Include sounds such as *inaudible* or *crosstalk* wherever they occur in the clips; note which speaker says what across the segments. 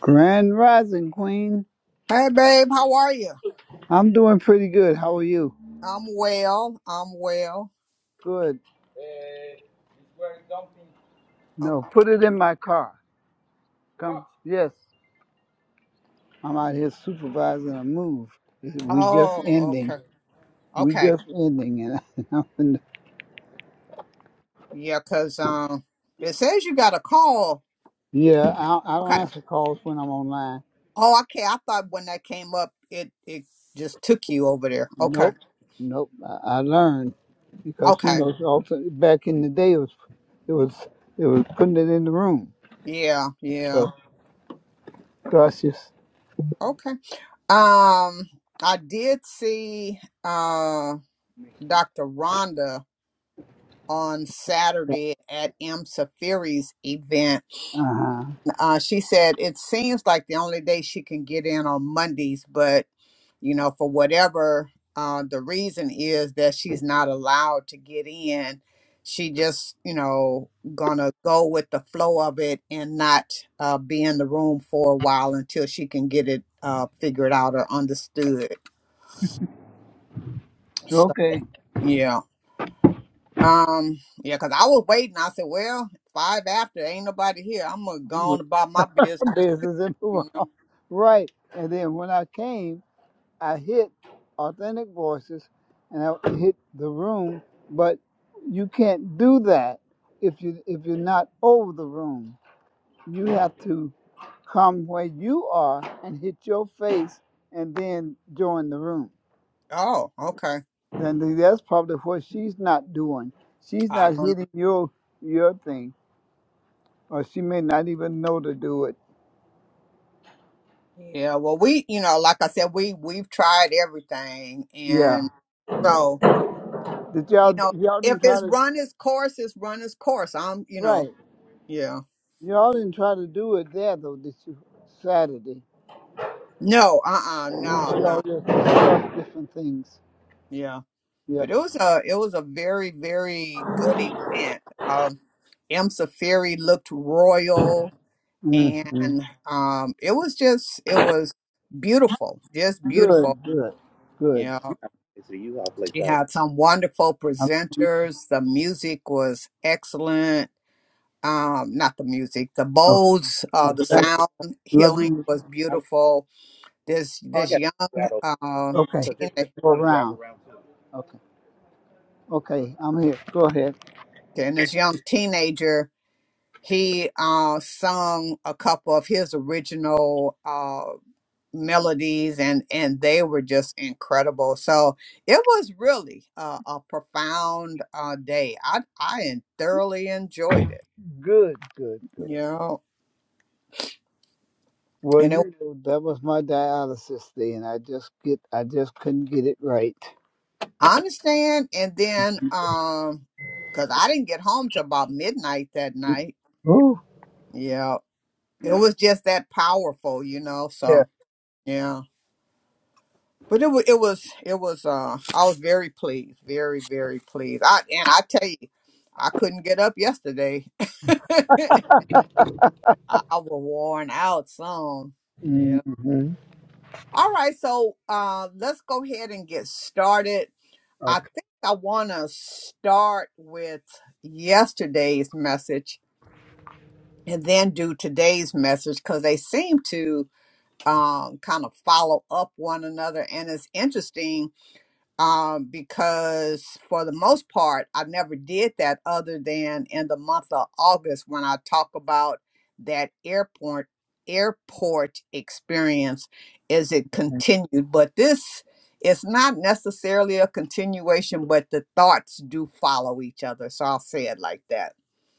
Speaker 1: Grand Rising Queen.
Speaker 2: Hey babe, how are you?
Speaker 1: I'm doing pretty good. How are you?
Speaker 2: I'm well. I'm well.
Speaker 1: Good.
Speaker 2: Oh,
Speaker 1: No, put it in my car. Come. Yes, I'm out here supervising a move. We just
Speaker 2: oh,
Speaker 1: ending.
Speaker 2: okay.
Speaker 1: We
Speaker 2: Okay.
Speaker 1: just ending, and *laughs* I'm in the-
Speaker 2: Yeah, 'cause um it says you got a call.
Speaker 1: yeah, I, I don't
Speaker 2: Okay.
Speaker 1: answer calls when I'm online.
Speaker 2: Oh, okay. I thought when that came up it it just took you over there. Okay.
Speaker 1: Nope, nope. I, I learned because you
Speaker 2: Okay.
Speaker 1: know, also back in the day, it was it was it was putting it in the room.
Speaker 2: Yeah, yeah.
Speaker 1: So, so I just
Speaker 2: Okay. Um I did see uh Dr. Rhonda on
Speaker 1: uh
Speaker 2: Saturday at M. Safiri's event
Speaker 1: huh.
Speaker 2: Uh, she said it seems like the only day she can get in on Mondays, but you know, for whatever uh, the reason is that she's not allowed to get in, she just you know gonna go with the flow of it and not uh, be in the room for a while until she can get it uh, figured out or understood. So
Speaker 1: Okay.
Speaker 2: yeah. Um, yeah, because I was waiting. I said, Well, five after ain't nobody here. I'm gonna go on about my
Speaker 1: *laughs*
Speaker 2: business
Speaker 1: business and move on. Right. And then when I came, I hit authentic voices and I hit the room, but you can't do that if you if you're not over the room. You have to come where you are and hit your face and then join the room.
Speaker 2: Oh, okay.
Speaker 1: Then that's probably what she's not doing. She's
Speaker 2: I
Speaker 1: not
Speaker 2: don't.
Speaker 1: hitting your your thing. Or she may not even know to do it.
Speaker 2: Yeah. Yeah. Well, we, you know, like I said, we we've tried everything,
Speaker 1: Yeah.
Speaker 2: and so
Speaker 1: Did
Speaker 2: you
Speaker 1: y'all
Speaker 2: know,
Speaker 1: y'all
Speaker 2: if
Speaker 1: didn't try
Speaker 2: it's
Speaker 1: to
Speaker 2: run its course, it's run its course. I'm, you
Speaker 1: right.
Speaker 2: know, yeah.
Speaker 1: Y'all didn't try to do it there though, did you? Saturday.
Speaker 2: No, uh, uh
Speaker 1: You-
Speaker 2: no, no,
Speaker 1: Y'all just
Speaker 2: no.
Speaker 1: discussed different things.
Speaker 2: Yeah.
Speaker 1: Yep.
Speaker 2: But it was a it was a very very good event. Um, M. Safiri looked royal,
Speaker 1: hmm
Speaker 2: and um, it was just it was beautiful, just beautiful.
Speaker 1: Good, good, good.
Speaker 2: Yeah.
Speaker 1: It's a U-Haul place.
Speaker 2: She
Speaker 1: I,
Speaker 2: had some wonderful
Speaker 1: Um,
Speaker 2: presenters. The music was excellent. Um, not the music, the
Speaker 1: Okay.
Speaker 2: bowls, uh, the
Speaker 1: Thank
Speaker 2: sound
Speaker 1: you. Love
Speaker 2: healing
Speaker 1: you.
Speaker 2: was beautiful. This
Speaker 1: Oh, I
Speaker 2: this
Speaker 1: got
Speaker 2: young
Speaker 1: that over.
Speaker 2: uh,
Speaker 1: Okay. So just, just
Speaker 2: teenager
Speaker 1: Go kind of drive around. around. Okay. Okay. I'm here. Go ahead.
Speaker 2: and this young teenager, he uh, sung a couple of his original uh, melodies, and and they were just incredible. So it was really uh, a profound uh, day. I I thoroughly enjoyed it.
Speaker 1: Good, good, good.
Speaker 2: Yeah.
Speaker 1: Well,
Speaker 2: And it,
Speaker 1: you know, that was my dialysis day and I just get I just couldn't get it right.
Speaker 2: I understand. And then, um, cause I didn't get home till about midnight that night.
Speaker 1: Ooh.
Speaker 2: Yeah, it was just that powerful, you know. So yeah, but it was, it was, it was. Uh, I was very pleased, very, very pleased. I and I tell you, I couldn't get up yesterday. *laughs* I was worn out some. Yeah.
Speaker 1: hmm
Speaker 2: All right, so uh, let's go ahead and get started. I
Speaker 1: Okay.
Speaker 2: think I want to start with yesterday's message and then do today's message because they seem to um, kind of follow up one another. And it's interesting um, because for the most part, I never did that other than in the month of August when I talk about that airport airport experience as it continued. But this is not necessarily a continuation, but the thoughts do follow each other. So I'll say it like that.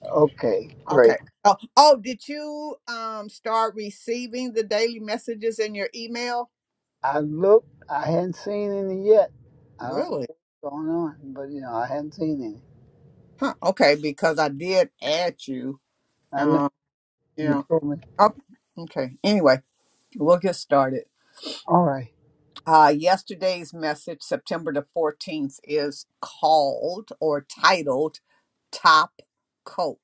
Speaker 1: Okay, great.
Speaker 2: Okay. Oh, oh did you um, start receiving the daily messages in your email?
Speaker 1: I looked. I hadn't seen any yet. I don't know
Speaker 2: Really?
Speaker 1: what's going on, but you know, I hadn't seen any.
Speaker 2: Huh. Okay, because I did add you.
Speaker 1: I know
Speaker 2: um,
Speaker 1: you
Speaker 2: Yeah.
Speaker 1: told me.
Speaker 2: Oh. Okay. Anyway, we'll get started.
Speaker 1: All right,
Speaker 2: Uh, yesterday's message, September the 14th, is called or titled Top Coat.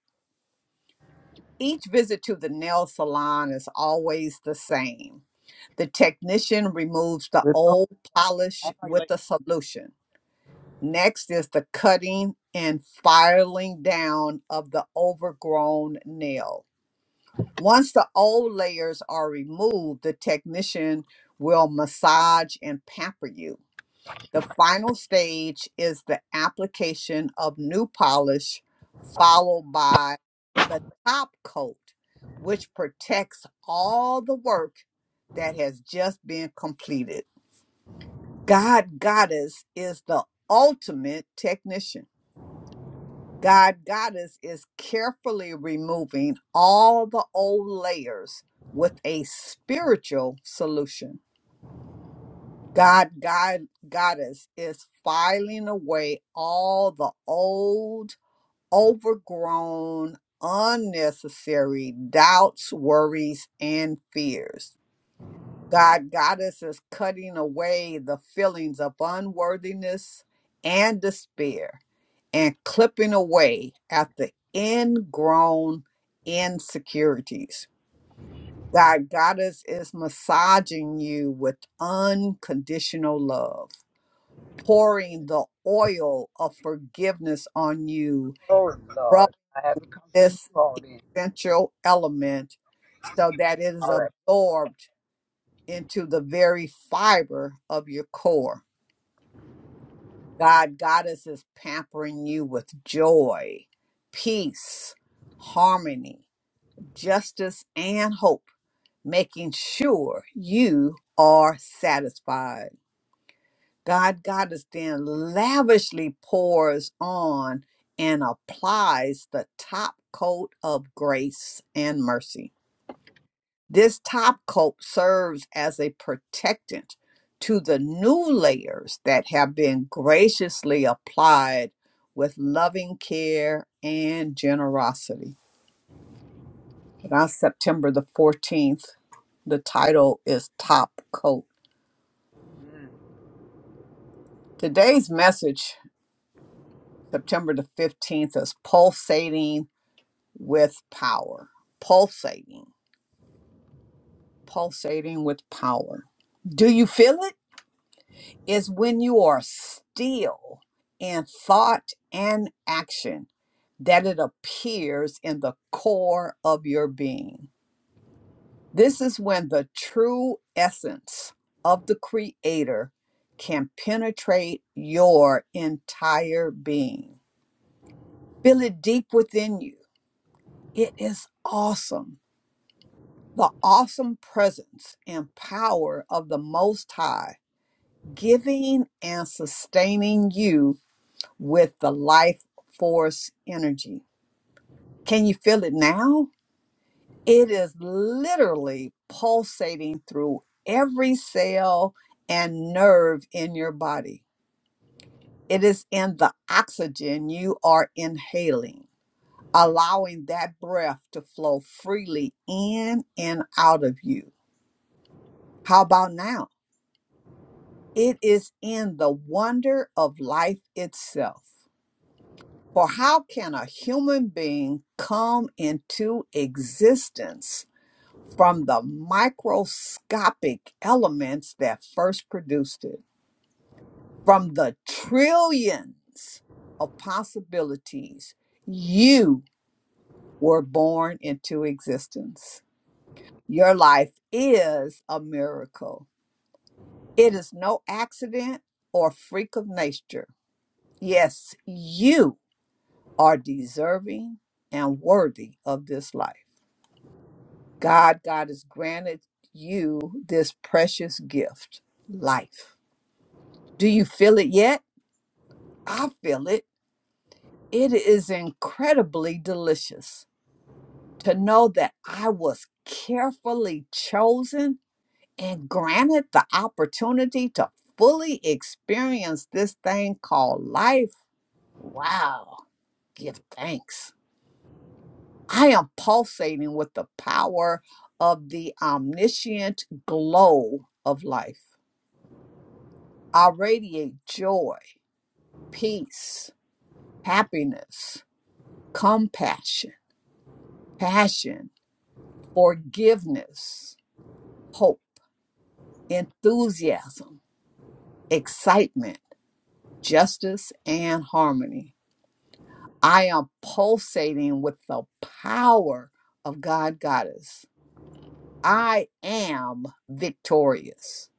Speaker 2: Each visit to the nail salon is always the same. The technician removes the
Speaker 1: we're talking.
Speaker 2: old polish
Speaker 1: I'm like,
Speaker 2: with a solution. Next is the cutting and filing down of the overgrown nails. Once the old layers are removed, the technician will massage and pamper you. The final stage is the application of new polish, followed by the top coat, which protects all the work that has just been completed. God Goddess is the ultimate technician. God Goddess is carefully removing all the old layers with a spiritual solution. God, God Goddess is filing away all the old, overgrown, unnecessary doubts, worries, and fears. God, Goddess is cutting away the feelings of unworthiness and despair and clipping away at the ingrown insecurities. God, Goddess is massaging you with unconditional love, pouring the oil of forgiveness on you,
Speaker 1: Lord,
Speaker 2: rub
Speaker 1: Lord, I have to come to you
Speaker 2: this
Speaker 1: all then.
Speaker 2: essential element so that it is
Speaker 1: All right.
Speaker 2: absorbed into the very fiber of your core God, Goddess is pampering you with joy, peace, harmony, justice, and hope, making sure you are satisfied. God, Goddess then lavishly pours on and applies the top coat of grace and mercy. This top coat serves as a protectant to the new layers that have been graciously applied with loving care and generosity. And on September the 14th, the title is Top Coat. Today's message, September the 15th, is Pulsating with Power. Pulsating, pulsating with power. Do you feel it? is when you are still in thought and action that it appears in the core of your being. This is when the true essence of the Creator can penetrate your entire being. Feel it deep within you. It is awesome. The awesome presence and power of the Most High, giving and sustaining you with the life force energy. Can you feel it now? It is literally pulsating through every cell and nerve in your body. It is in the oxygen you are inhaling, allowing that breath to flow freely in and out of you. How about now? It is in the wonder of life itself. For how can a human being come into existence from the microscopic elements that first produced it? From the trillions of possibilities, you were born into existence. Your life is a miracle. It is no accident or freak of nature. Yes, you are deserving and worthy of this life. God, God has granted you this precious gift, life. Do you feel it yet? I feel it. It is incredibly delicious to know that I was carefully chosen and granted the opportunity to fully experience this thing called life. Wow, give thanks. I am pulsating with the power of the omniscient glow of life. I radiate joy, peace, happiness, compassion, passion, forgiveness, hope, enthusiasm, excitement, justice, and harmony. I am pulsating with the power of God Goddess. I am victorious.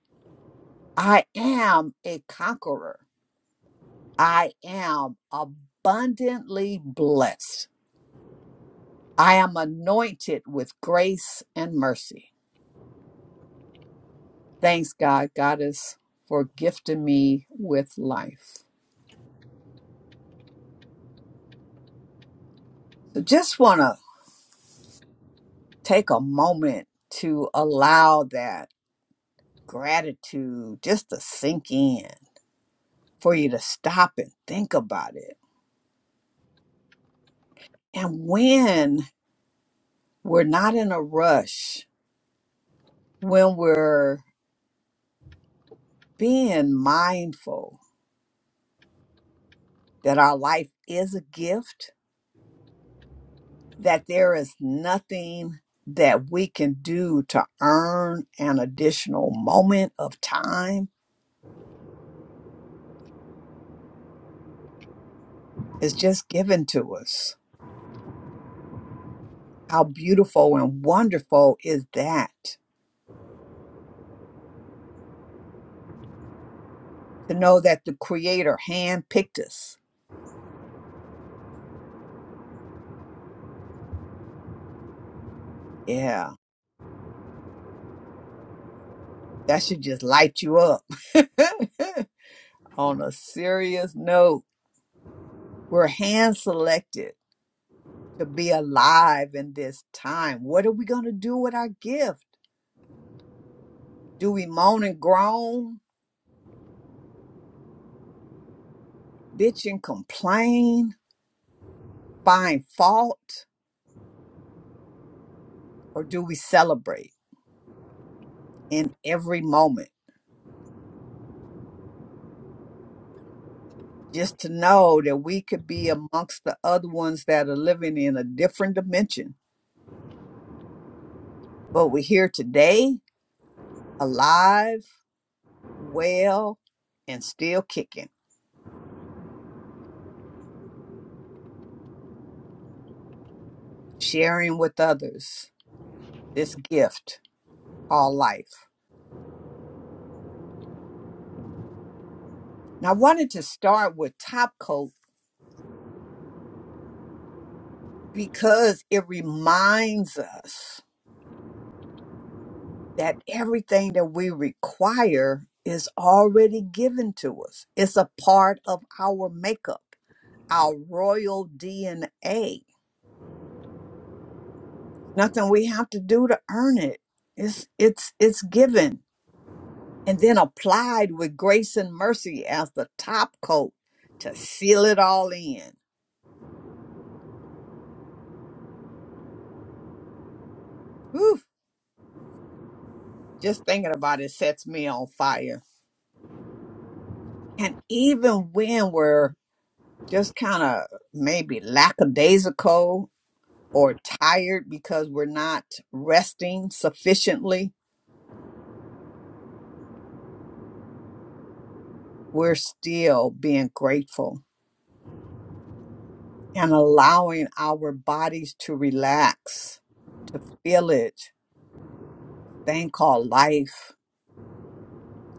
Speaker 2: I am a conqueror. I am abundantly blessed. I am anointed with grace and mercy. Thanks, God, Goddess, for gifting me with life. So just want to take a moment to allow that gratitude just to sink in, for you to stop and think about it. And when we're not in a rush, when we're being mindful that our life is a gift, that there is nothing that we can do to earn an additional moment of time is just given to us. How beautiful and wonderful is that? To know that the Creator handpicked us. Yeah, that should just light you up. *laughs* On a serious note, we're hand selected to be alive in this time. What are we going to do with our gift? Do we moan and groan? bitch and complain, find fault, or do we celebrate in every moment? Just to know that we could be amongst the other ones that are living in a different dimension, but we're here today, alive, well, and still kicking, sharing with others this gift called life. Now, I wanted to start with Top Coat because it reminds us that everything that we require is already given to us. It's a part of our makeup, our royal DNA. Nothing we have to do to earn it. It's it's it's given and then applied with grace and mercy as the top coat to seal it all in. Whew, just thinking about it sets me on fire. And even when we're just kind of maybe lackadaisical or tired because we're not resting sufficiently, we're still being grateful and allowing our bodies to relax, to feel it, thing called life,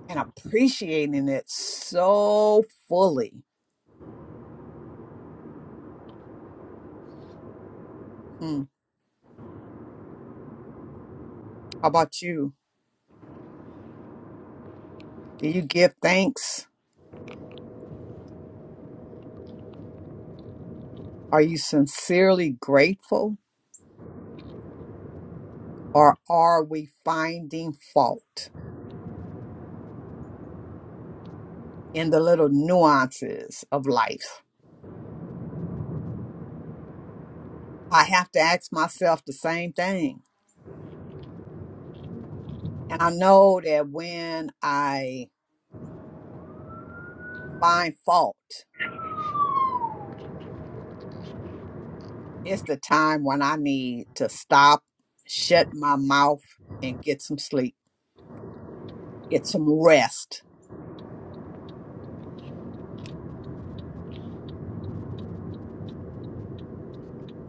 Speaker 2: and appreciating it so fully. Hmm. How about you? Do you give thanks? Are you sincerely grateful? Or are we finding fault in the little nuances of life? I have to ask myself the same thing. And I know that when I find fault, it's the time when I need to stop, shut my mouth, and get some sleep, get some rest.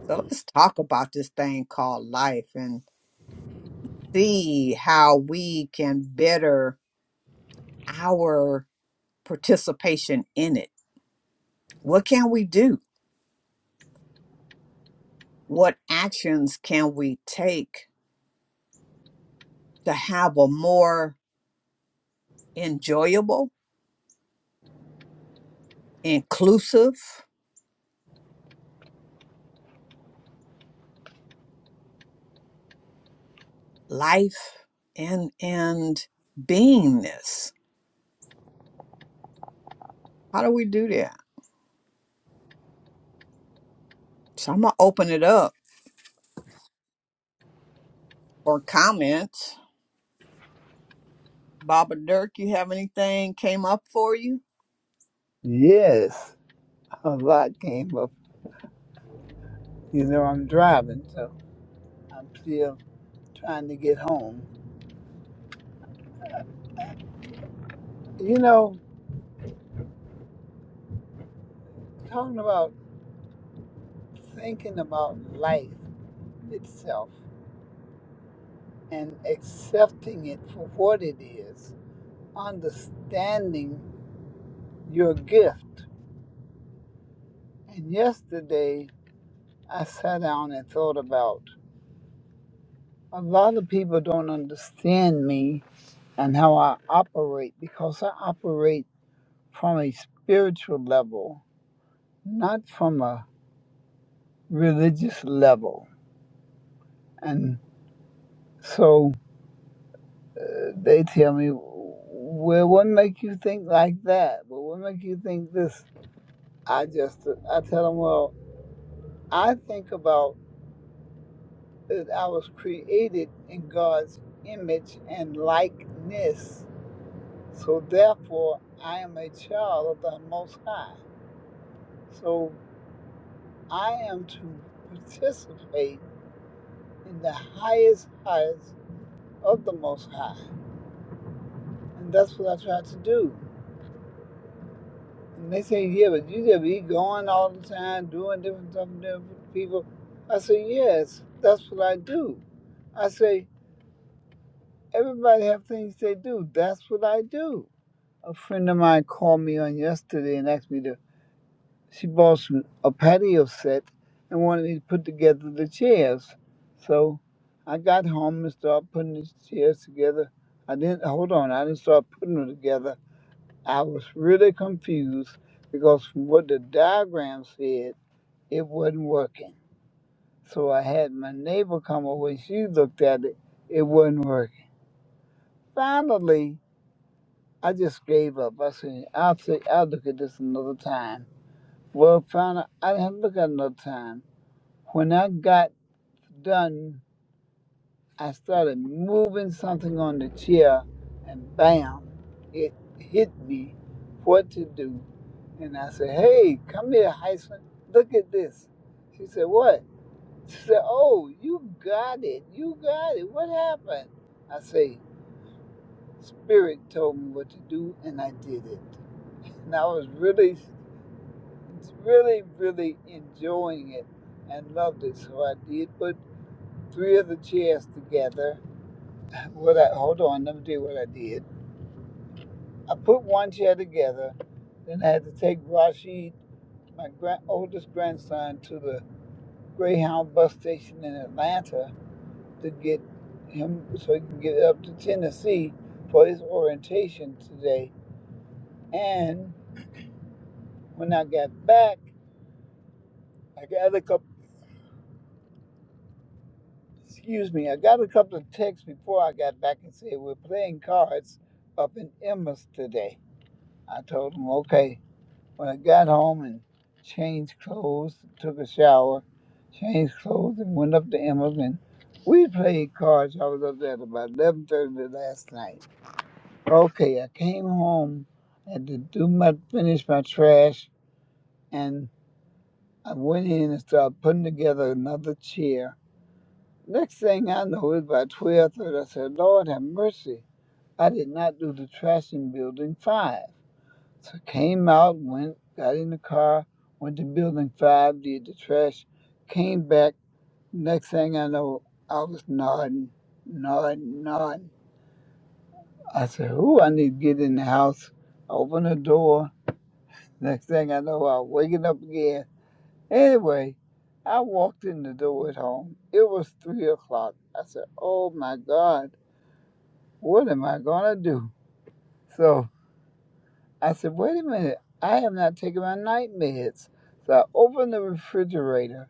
Speaker 2: So let's talk about this thing called life and see how we can better our participation in it. What can we do? What actions can we take to have a more enjoyable, inclusive life and and beingness. How do we do that? So I'm gonna open it up for comments. Baba Dirk, you have anything came up for you?
Speaker 1: Yes, a lot came up. You know, I'm driving, so I'm still trying to get home. You know, talking about thinking about life itself and accepting it for what it is, understanding your gift And yesterday, I sat down and thought about a lot of people don't understand me and how I operate because I operate from a spiritual level, not from a religious level. And so uh, they tell me, well, what make you think like that? Well, what make you think this? I just, I tell them, well, I think about that I was created in God's image and likeness So therefore, I am a child of the Most High. So I am to participate in the highest highest of the Most High. And that's what I try to do. And they say, yeah, but you just be going all the time, doing different stuff with different people. I say, yes, that's what I do. I say, everybody have things they do. That's what I do. A friend of mine called me on yesterday and asked me to She bought some a patio set and wanted me to put together the chairs. So I got home and started putting the chairs together. I didn't hold on, I didn't start putting them together. I was really confused because from what the diagram said, it wasn't working. So I had my neighbor come over and she looked at it, it wasn't working. Finally, I just gave up. I said, I'll say I'll look at this another time. Well finally I didn't have to look at it another time. When I got done, I started moving something on the chair, and bam, it hit me what to do. And I said, Hey, come here, Heisman. Look at this. She said, What? She said, Oh, you got it. You got it. What happened? I say, Spirit told me what to do, and I did it. And I was really, really, really enjoying it and loved it. So I did put three of the chairs together What I hold on, let me tell you what I did. I put one chair together, then I had to take Rashid, my grand, oldest grandson, to the Greyhound bus station in Atlanta to get him so he can get up to Tennessee for his orientation today. And when I got back, I got a couple. Excuse me, I got a couple of texts before I got back and said we're playing cards up in Emma's today. I told him okay. When I got home and changed clothes, took a shower, changed clothes, and went up to Emma's, and we played cards. I was up there at about eleven thirty last night. Okay, I came home, had to do my finish my trash, and I went in and started putting together another chair. Next thing I know, it was about twelve thirty. I said, "Lord have mercy! I did not do the trash in building five. So came out, went, got in the car, went to building five, did the trash, came back. Next thing I know, I was nodding, nodding, nodding. I said, Ooh, I need to get in the house. Open the door. Next thing I know, I waking up again. Anyway, I walked in the door at home. It was three o'clock. I said, Oh my God, what am I gonna do? So. I said, wait a minute, I have not taken my night meds. So I opened the refrigerator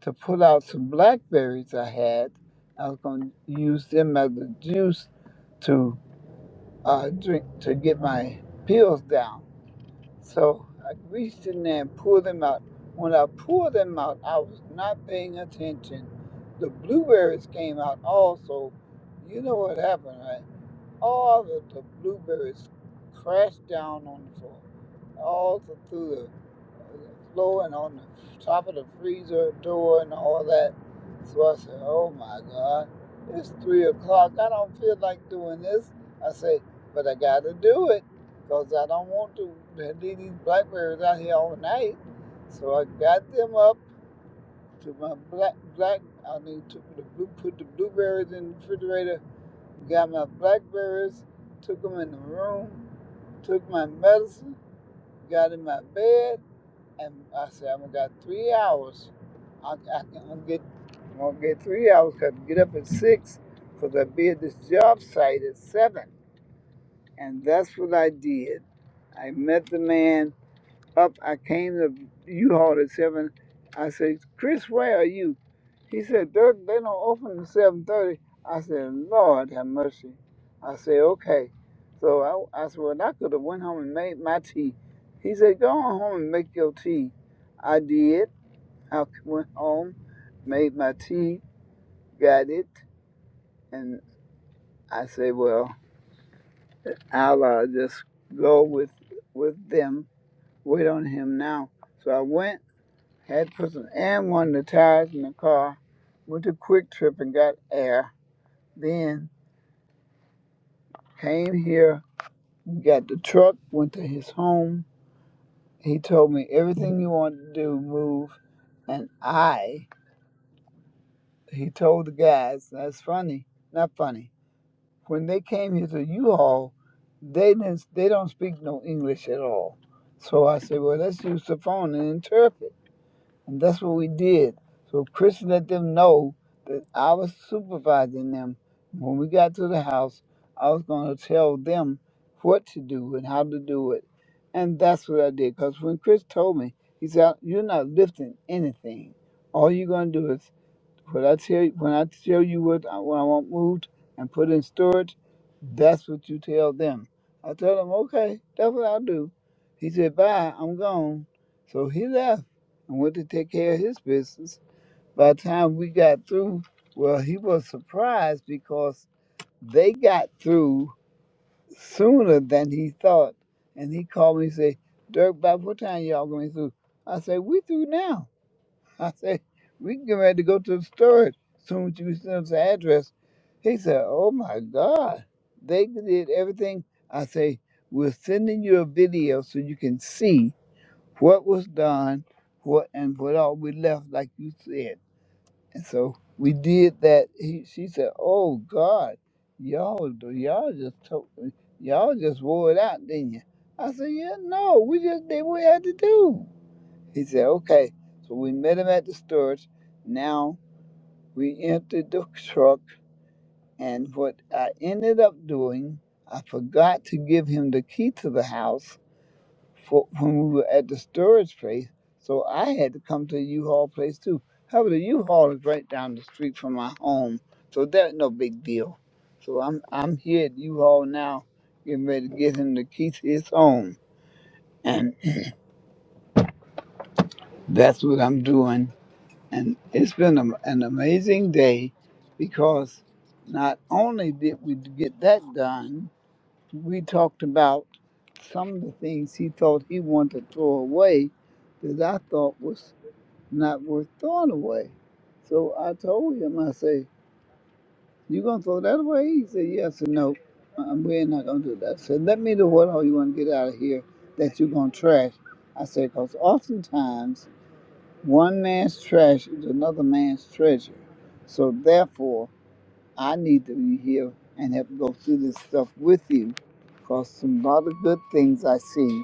Speaker 1: to pull out some blackberries I had. I was going to use them as a juice to uh, drink to get my pills down. So I reached in there and pulled them out. When I pulled them out, I was not paying attention. The blueberries came out also. You know what happened, right? All of the blueberries crashed down on the floor, all th- through the the floor and on the top of the freezer door and all that. So I said, "Oh my God, it's three o'clock. I don't feel like doing this." I say, "But I got to do it because I don't want to leave these blackberries out here all night." So I got them up to my black black. I mean, took the blue, put the blueberries in the refrigerator Got my blackberries, took them in the room, took my medicine, got in my bed, and I said, I'm gonna got three hours. I, I I'll get, I'm gonna get three hours 'cause I get up at six because I'll be at this job site at seven. And that's what I did. I met the man up, I came to U-Haul at seven. I said, Chris, where are you? He said, Dirk, they don't open at seven thirty. I said, Lord have mercy. I said, okay. So I, I said, well, I could have went home and made my tea. He said, go on home and make your tea. I did. I went home, made my tea, got it, and I said, well, I'll uh, just go with with them. Wait on him now. So I went. Had to put some air in one of the tires in the car. Went to Quick Trip and got air. Then came here, got the truck, went to his home. He told me everything he wanted to do, move. And I, he told the guys, that's funny, not funny. When they came here to U-Haul, they didn't, they don't speak no English at all. So I said, well, let's use the phone and interpret. And that's what we did. So Chris let them know that I was supervising them. When we got to the house, I was going to tell them what to do and how to do it. And that's what I did. Because when Chris told me, he said, You're not lifting anything. All you're going to do is but I tell you, when I tell you what I, what I want moved and put in storage, that's what you tell them. I told him, okay, that's what I'll do. He said, bye, I'm gone. So he left and went to take care of his business. By the time we got through, well, he was surprised because they got through sooner than he thought. And he called me and said, Dirk, by what time y'all going through? I said, we through now. I said, we can get ready to go to the store as soon as you send us the address. He said, oh my God, they did everything. I say, we're sending you a video so you can see what was done, what and what all we left, like you said. And so we did that. He, she said, oh God, y'all, do- y'all just told, y'all just wore it out, didn't you? I said, yeah, no, we just did what we had to do. He said, okay. So we met him at the storage. Now we entered the truck. And what I ended up doing, I forgot to give him the key to the house for when we were at the storage place. So I had to come to the U-Haul place too. However, the U-Haul is right down the street from my home. So that's no big deal. So I'm I'm here at U-Haul now, getting ready to get him the key to his home. And that's what I'm doing And it's been a, an amazing day because not only did we get that done, we talked about some of the things he thought he wanted to throw away that I thought was not worth throwing away. So I told him, I say, you going to throw that away? He said, yes and no. Uh, We're not going to do that. I said, let me know what all you want to get out of here that you're going to trash. I said, because oftentimes one man's trash is another man's treasure. So therefore, I need to be here and help go through this stuff with you because some lot of good things I see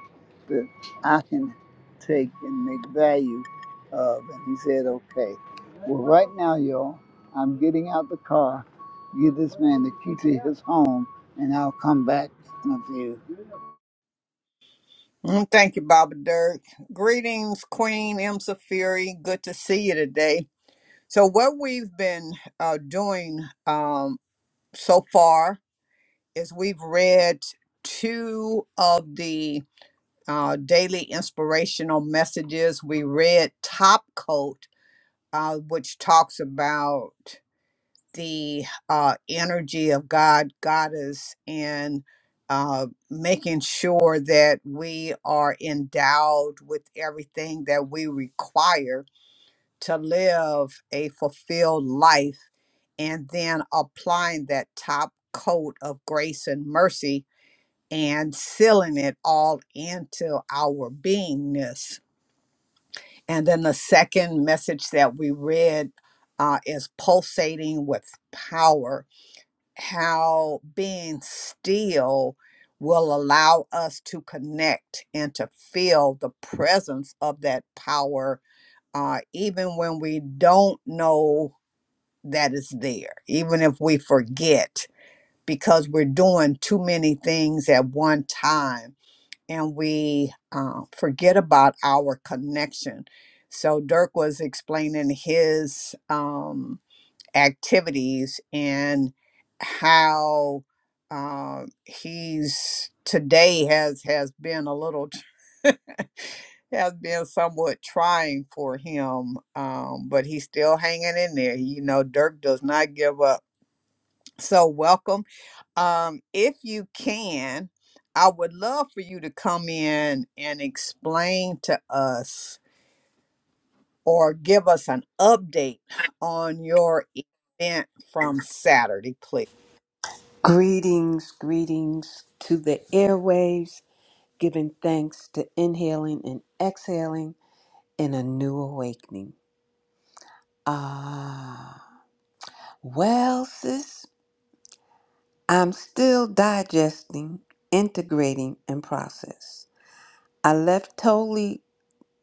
Speaker 1: that I can take and make value of. And he said, okay. Well, right now, y'all, I'm getting out the car, give this man the key to his home, and I'll come back in a few.
Speaker 2: Mm, thank you, Baba Dirk. Greetings, Queen M. Safiri. Good to see you today. So what we've been uh, doing um, so far is we've read two of the uh, daily inspirational messages. We read Top Coat, uh, which talks about the uh, energy of God, Goddess, and uh, making sure that we are endowed with everything that we require to live a fulfilled life, and then applying that top coat of grace and mercy and sealing it all into our beingness And then the second message that we read uh, is pulsating with power, how being still will allow us to connect and to feel the presence of that power, uh, even when we don't know that it's there, even if we forget, because we're doing too many things at one time and we uh, forget about our connection. So Dirk was explaining his um, activities and how uh, he's today has has been a little *laughs* has been somewhat trying for him, um, but he's still hanging in there. You know, Dirk does not give up. So welcome um, if you can, I would love for you to come in and explain to us or give us an update on your event from Saturday, please.
Speaker 3: Greetings, greetings to the airwaves, giving thanks to inhaling and exhaling in a new awakening. Ah, well, sis, I'm still digesting, integrating, and process. I left totally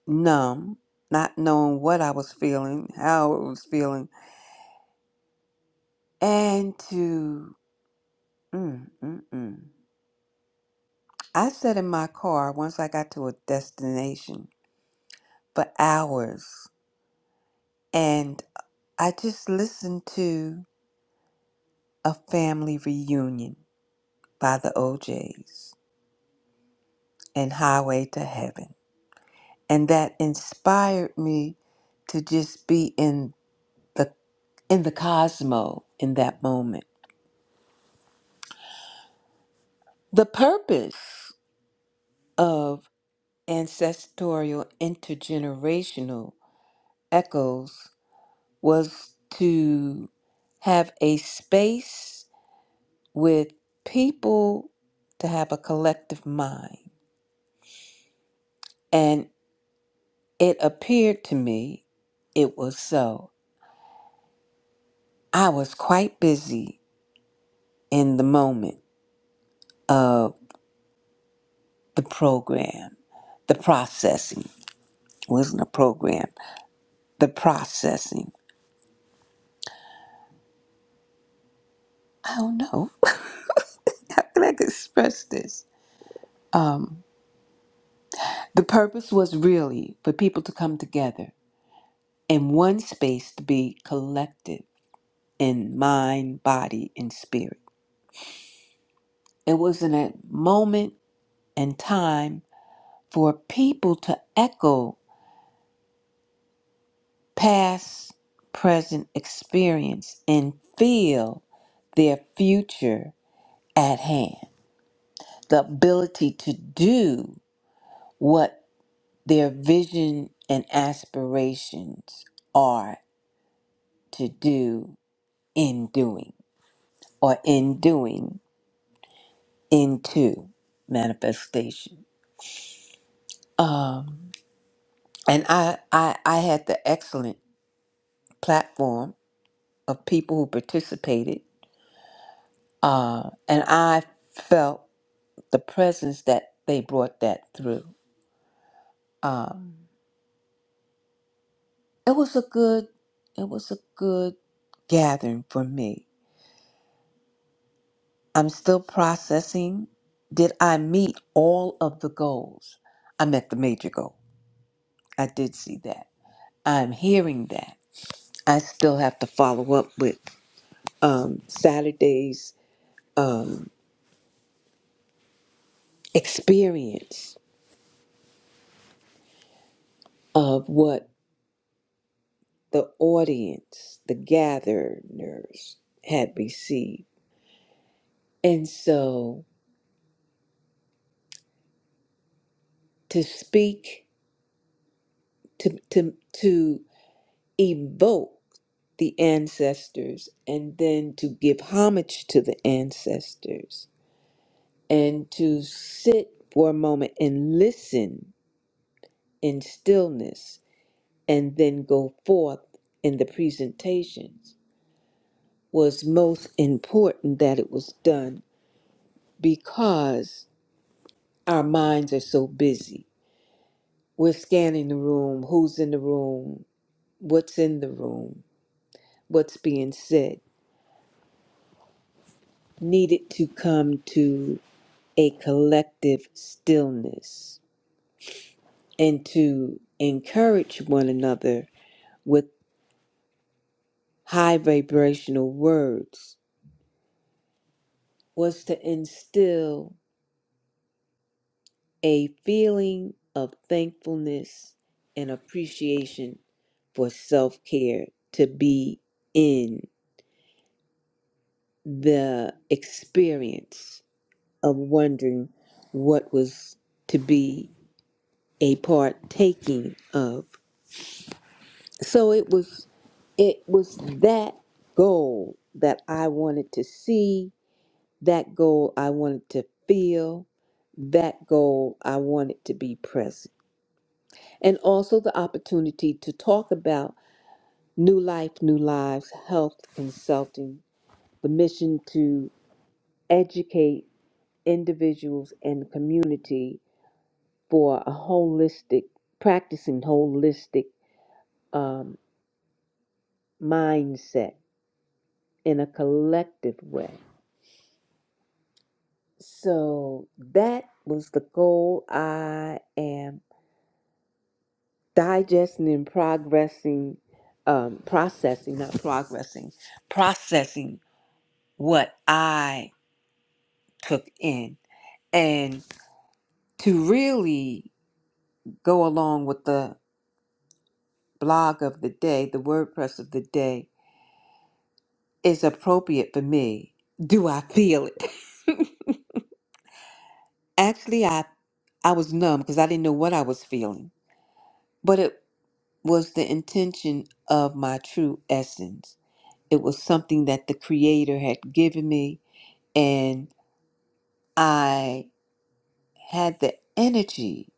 Speaker 3: numb, not knowing what I was feeling, how it was feeling, and to, mm, mm, mm. I sat in my car once I got to a destination for hours And I just listened to A Family Reunion by the OJs and Highway to Heaven. And that inspired me to just be in the in the cosmo in that moment. The purpose of ancestorial intergenerational echoes was to have a space with people to have a collective mind and it appeared to me it was so. I was quite busy in the moment of the program, the processing. It wasn't a program, the processing. I don't know. *laughs* How can I express this? Um, the purpose was really for people to come together in one space to be collective in mind, body, and spirit. It was in a moment and time for people to echo past, present experience and feel their future at hand. The ability to do what their vision and aspirations are to do in doing or in doing into manifestation. Um, and I, I, I had the excellent platform of people who participated, uh, and I felt. the presence that they brought that through. Um, it was a good, it was a good gathering for me. I'm still processing. Did I meet all of the goals? I met the major goal. I did see that. I'm hearing that. I still have to follow up with um, Saturday's um, experience of what the audience, the gatherers, had received. And so to speak, to, to, to evoke the ancestors, and then to give homage to the ancestors, and to sit for a moment and listen in stillness, and then go forth in the presentations was most important that it was done because our minds are so busy. We're scanning the room, who's in the room, what's in the room, what's being said needed to come to a collective stillness and to encourage one another with high vibrational words was to instill a feeling of thankfulness and appreciation for self care to be in the experience of wondering what was to be a partaking of. So it was it was that goal that I wanted to see, that goal I wanted to feel, that goal I wanted to be present. And also the opportunity to talk about New Life, New Lives, Health Consulting, the mission to educate individuals and community for a holistic, practicing holistic um, mindset in a collective way So that was the goal. I am digesting and progressing, um, processing, not progressing, processing what I took in. And to really go along with the blog of the day, the WordPress of the day, is appropriate for me. Do I feel it? *laughs* Actually, I I was numb because I didn't know what I was feeling. But it was the intention of my true essence. It was something that the Creator had given me, and I had the energy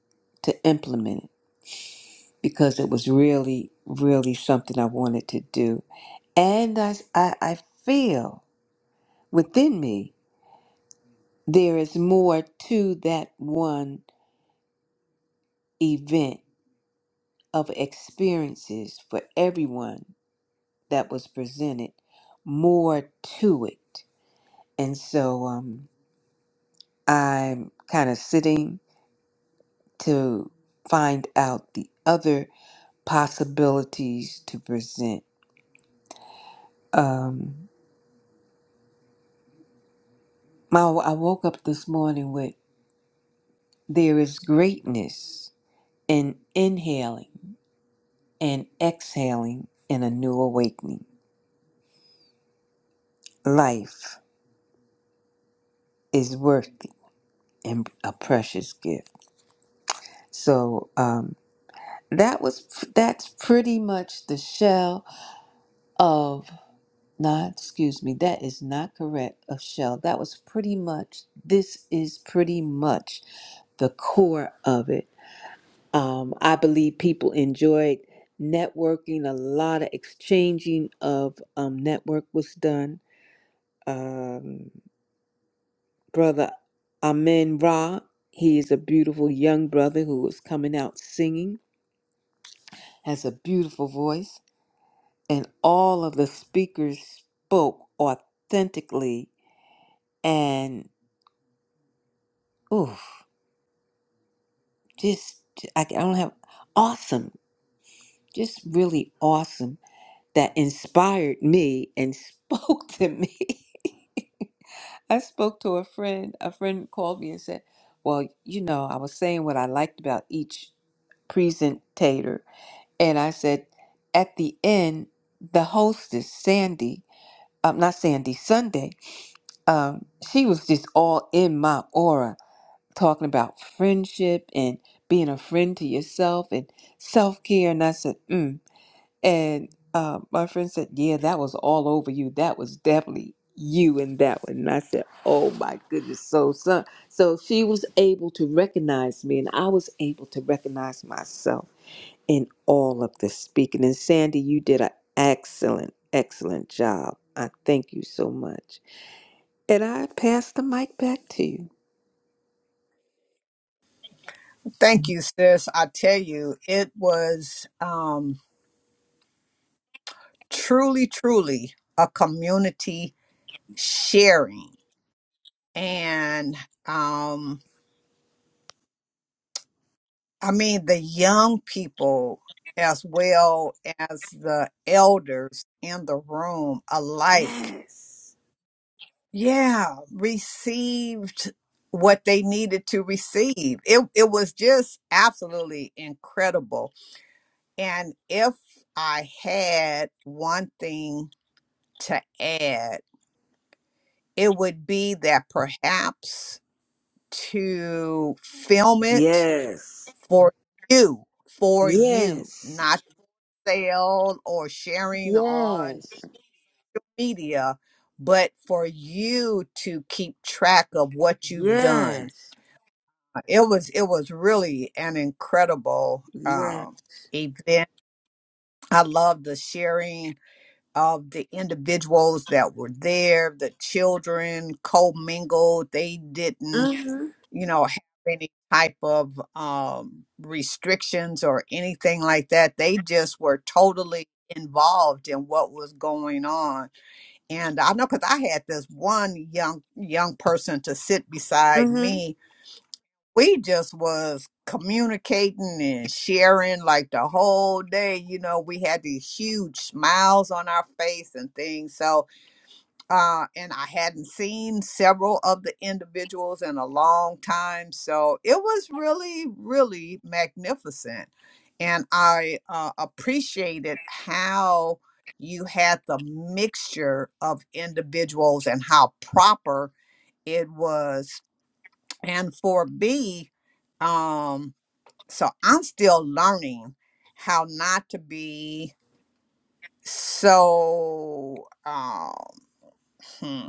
Speaker 3: to implement it because it was really, really something I wanted to do. And I, I, I feel within me there is more to that one event of experiences for everyone that was presented, more to it. And so, um, I'm kind of sitting to find out the other possibilities to present. Um, my, I woke up this morning with there is greatness in inhaling and exhaling in a new awakening. Life is worthy and a precious gift. So um, that was that's pretty much the shell of No, excuse me, that is not correct, of shell. That was pretty much, this is pretty much the core of it. Um, I believe people enjoyed networking, a lot of exchanging of um, network was done. Um, brother Amen Ra, he is a beautiful young brother who is coming out singing, has a beautiful voice, and all of the speakers spoke authentically and oof. just I I don't have awesome, just really awesome that inspired me and *laughs* spoke to me. I spoke to a friend. A friend called me and said, "Well, you know, I was saying what I liked about each presentator, and I said at the end, the hostess Sandy, um, not Sandy Sunday, um, she was just all in my aura talking about friendship and being a friend to yourself and self care. And I said, mm. And uh, my friend said, yeah, that was all over you. That was definitely you in that one. And I said, oh my goodness. So, so, so she was able to recognize me, and I was able to recognize myself in all of this speaking. And Sandy, you did an excellent, excellent job. I thank you so much. And I pass the mic back to you.
Speaker 2: Thank you, sis. I tell you, it was um, truly, truly a community sharing. And um. I mean, the young people as well as the elders in the room alike,
Speaker 3: Yes.
Speaker 2: yeah, received what they needed to receive. It, it was just absolutely incredible. And if I had one thing to add, it would be that perhaps to film it
Speaker 3: Yes.
Speaker 2: for you, for you,
Speaker 3: Yes.
Speaker 2: not sale or sharing on
Speaker 3: Yes.
Speaker 2: media, but for you to keep track of what you've done.
Speaker 3: Yes.
Speaker 2: Uh, It was it was really an incredible
Speaker 3: Yes.
Speaker 2: um, event. I love the sharing of the individuals that were there. The children co-mingled. They didn't
Speaker 3: Mm-hmm.
Speaker 2: you know, have any type of um, restrictions or anything like that. They just were totally involved in what was going on. And I know because I had this one young young person to sit beside
Speaker 3: Mm-hmm.
Speaker 2: me. We just was communicating and sharing like the whole day. You know, we had these huge smiles on our face and things. So uh, and I hadn't seen several of the individuals in a long time. So it was really, really magnificent. And I uh, appreciated how you had the mixture of individuals and how proper it was. And for me, um, so I'm still learning how not to be so. Um, hmm,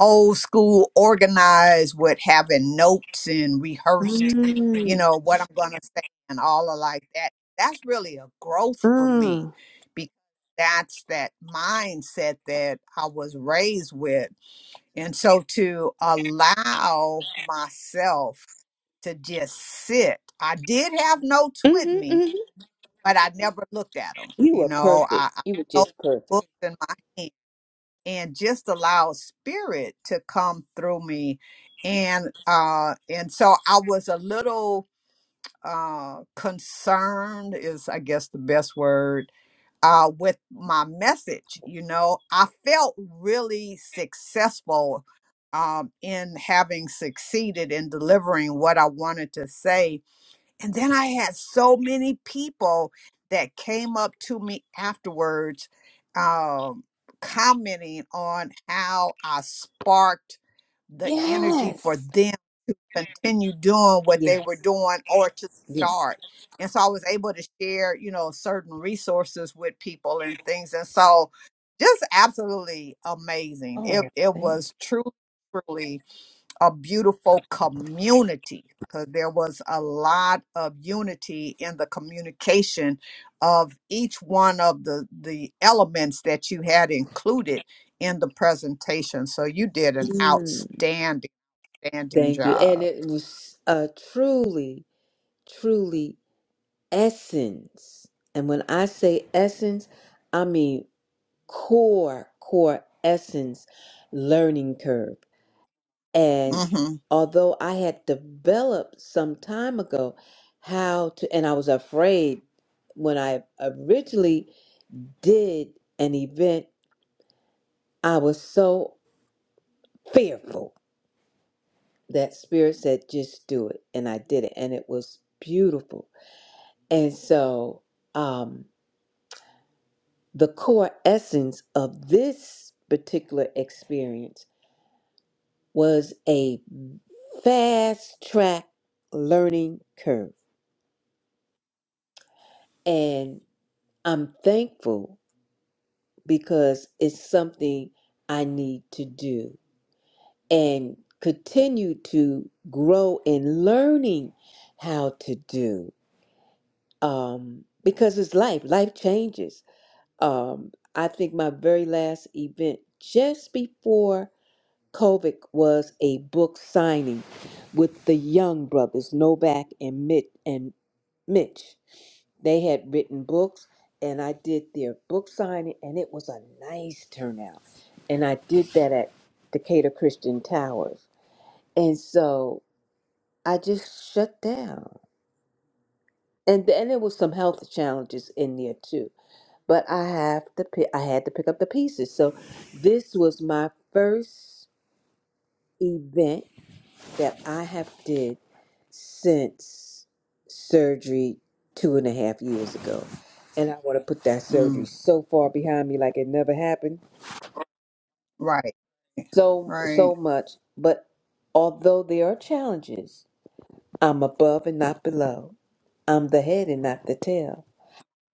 Speaker 2: old school organized with having notes and rehearsed, you
Speaker 3: Mm-hmm.
Speaker 2: know, what I'm going to say and all of like that. That's really a growth for me
Speaker 3: Mm.
Speaker 2: because that's that mindset that I was raised with. And so to allow myself to just sit, I did have notes with
Speaker 3: Mm-hmm,
Speaker 2: me,
Speaker 3: mm-hmm.
Speaker 2: but I never looked at them.
Speaker 3: You
Speaker 2: You
Speaker 3: were
Speaker 2: know,
Speaker 3: perfect.
Speaker 2: I, I
Speaker 3: You were
Speaker 2: held
Speaker 3: just perfect.
Speaker 2: books in my hand and just allow spirit to come through me and uh and so i was a little uh concerned is i guess the best word uh with my message you know i felt really successful um in having succeeded in delivering what i wanted to say and then I had so many people that came up to me afterwards, um, commenting on how I sparked the energy for
Speaker 3: Yes.
Speaker 2: them to continue doing what they were
Speaker 3: Yes.
Speaker 2: doing or to
Speaker 3: Yeah.
Speaker 2: start. And so I was able to share, you know, certain resources with people and things. And so just absolutely amazing.
Speaker 3: Oh,
Speaker 2: It it
Speaker 3: thank
Speaker 2: was truly, truly a beautiful community. 'cause There was a lot of unity in the communication of each one of the, the elements that you had included in the presentation. So you did
Speaker 3: you.
Speaker 2: an
Speaker 3: Mm.
Speaker 2: outstanding, outstanding
Speaker 3: Thank you. And
Speaker 2: job.
Speaker 3: it was uh, truly, truly essence. And when I say essence, I mean core, core essence learning curve. And
Speaker 2: Mm hmm
Speaker 3: although I had developed some time ago how to, and I was afraid when I originally did an event, I was so fearful that Spirit said, just do it. And I did it. And it was beautiful. And so, um, the core essence of this particular experience was a fast track learning curve. And I'm thankful because it's something I need to do and continue to grow in learning how to do. Um, because it's life, life changes. Um, I think my very last event just before COVID was a book signing with the Young Brothers, Novak and Mitch and Mitch. They had written books, and I did their book signing, and it was a nice turnout. And I did that at Decatur Christian Towers. And so I just shut down. And then there was some health challenges in there too. But I have to pick, I had to pick up the pieces. So this was my first event that I have did since surgery two and a half years ago. And I want to put that surgery
Speaker 2: Mm,
Speaker 3: so far behind me like it never happened.
Speaker 2: right,
Speaker 3: So,
Speaker 2: right.
Speaker 3: so much. But although there are challenges, I'm above and not below. I'm the head and not the tail.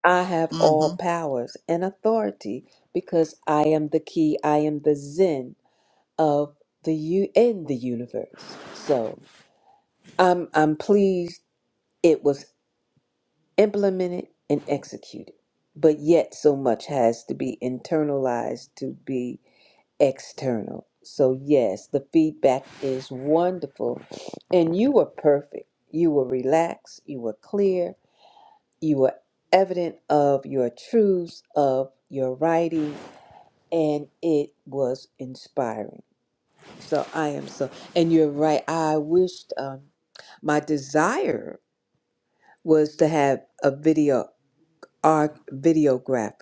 Speaker 3: I have all
Speaker 2: hmm
Speaker 3: powers and authority because I am the key. I am the Zen of the you in the universe. So I'm I'm pleased it was. implemented and executed. But yet, so much has to be internalized to be external. So, yes, the feedback is wonderful. And you were perfect. You were relaxed. You were clear. You were evident of your truths, of your writing, and it was inspiring. So, I am so, and you're right. I wished um, my desire was to have a video our videographer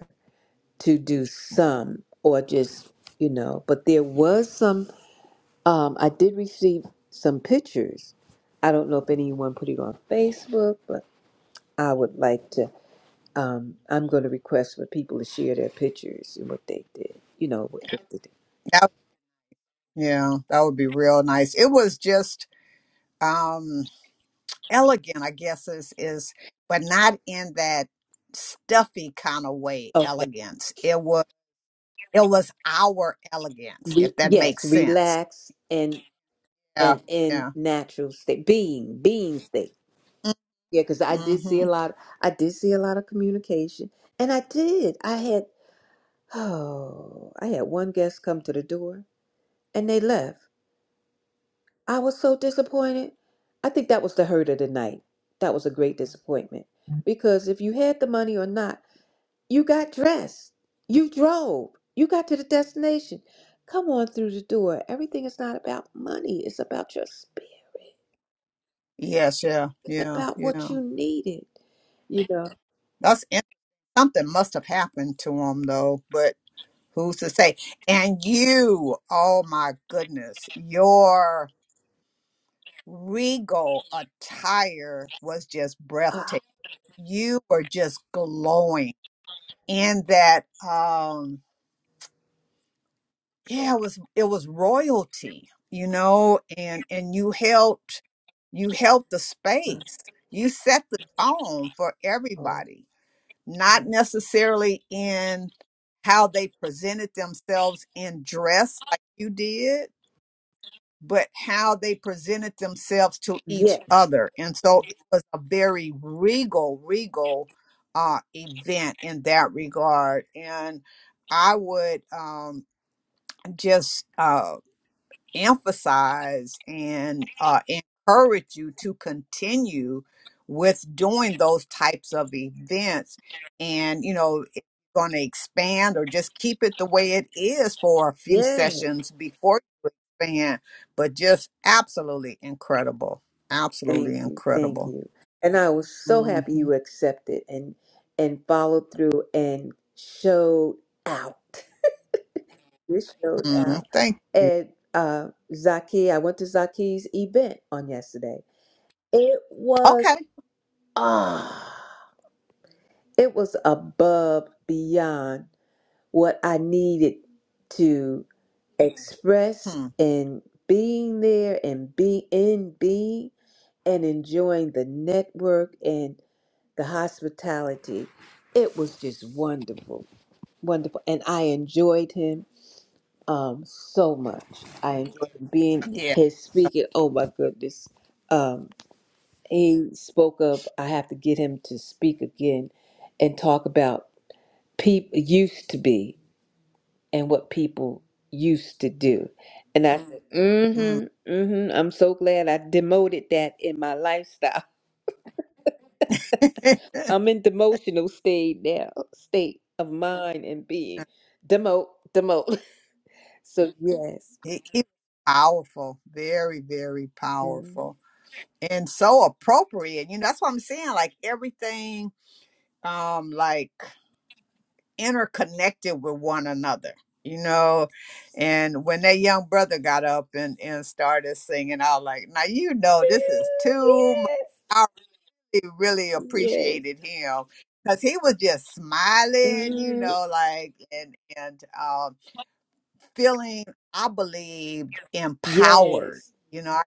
Speaker 3: to do some or just you know but there was some um i did receive some pictures i don't know if anyone put it on facebook but i would like to um i'm going to request for people to share their pictures and what they did you know what they did
Speaker 2: That, yeah, that would be real nice. It was just. um, elegant, I guess is is, but not in that stuffy kind of way.
Speaker 3: okay
Speaker 2: Elegance. It was it was our elegance,
Speaker 3: Re-
Speaker 2: if that
Speaker 3: yes
Speaker 2: makes sense.
Speaker 3: relax and
Speaker 2: Yeah,
Speaker 3: and in
Speaker 2: yeah.
Speaker 3: natural state being being state
Speaker 2: Mm,
Speaker 3: yeah because i did see
Speaker 2: Mm-hmm.
Speaker 3: a lot i did see a lot of communication and i did i had Oh, I had one guest come to the door and they left. I was so disappointed. I think that was the hurt of the night. That was a great disappointment because if you had the money or not, you got dressed, you drove, you got to the destination. Come on through the door. Everything is not about money, it's about your spirit,
Speaker 2: Yes, yeah,
Speaker 3: it's
Speaker 2: yeah,
Speaker 3: about
Speaker 2: yeah.
Speaker 3: what you needed. You know,
Speaker 2: That's in- something must have happened to him though, but who's to say? And you, oh my goodness, your regal attire was just
Speaker 3: ah,
Speaker 2: breathtaking. You were just glowing and that um yeah it was it was royalty you know and and you helped you helped the space you set the tone for
Speaker 3: oh,
Speaker 2: everybody not necessarily in how they presented themselves in dress like you did but how they presented themselves to each
Speaker 3: yes,
Speaker 2: other. And so it was a very regal, regal uh, event in that regard. And I would um, just uh, emphasize and uh, encourage you to continue with doing those types of events and you know it's going to expand or just keep it the way it is for a few
Speaker 3: yes.
Speaker 2: sessions before you expand but just absolutely incredible
Speaker 3: Thank
Speaker 2: absolutely
Speaker 3: you, thank
Speaker 2: incredible
Speaker 3: you. And I was so
Speaker 2: hmm
Speaker 3: happy you accepted and and followed through and showed out. You showed out.
Speaker 2: thank you
Speaker 3: And uh Zaki, I went to Zaki's event on yesterday. It was
Speaker 2: okay
Speaker 3: ah it was above beyond what I needed to express
Speaker 2: hmm.
Speaker 3: in being there and be in being and enjoying the network and. the hospitality. It was just wonderful, wonderful, and I enjoyed him um, so much. I enjoyed being
Speaker 2: yeah
Speaker 3: his speaking. Oh my goodness, um, he spoke up. I have to get him to speak again and talk about people used to be and what people used to do. And I said,
Speaker 2: mm.
Speaker 3: mm-hmm, mm-hmm. I'm so glad I demoted that in my lifestyle
Speaker 2: *laughs* he,
Speaker 3: I'm in demotional state now, state of mind and being. Demote, demote. *laughs* So yes,
Speaker 2: he was powerful very very
Speaker 3: Mm.
Speaker 2: powerful and so appropriate. You know, that's what I'm saying. Like everything, um, like interconnected with one another. You know, and when that young brother got up and and started singing, I was like, now you
Speaker 3: *laughs*
Speaker 2: know this is too much.
Speaker 3: yes,
Speaker 2: I really, really
Speaker 3: yes,
Speaker 2: appreciated him because he was just smiling. You
Speaker 3: Mhm.
Speaker 2: know, like and and um, feeling, I believe, empowered.
Speaker 3: yes,
Speaker 2: You know,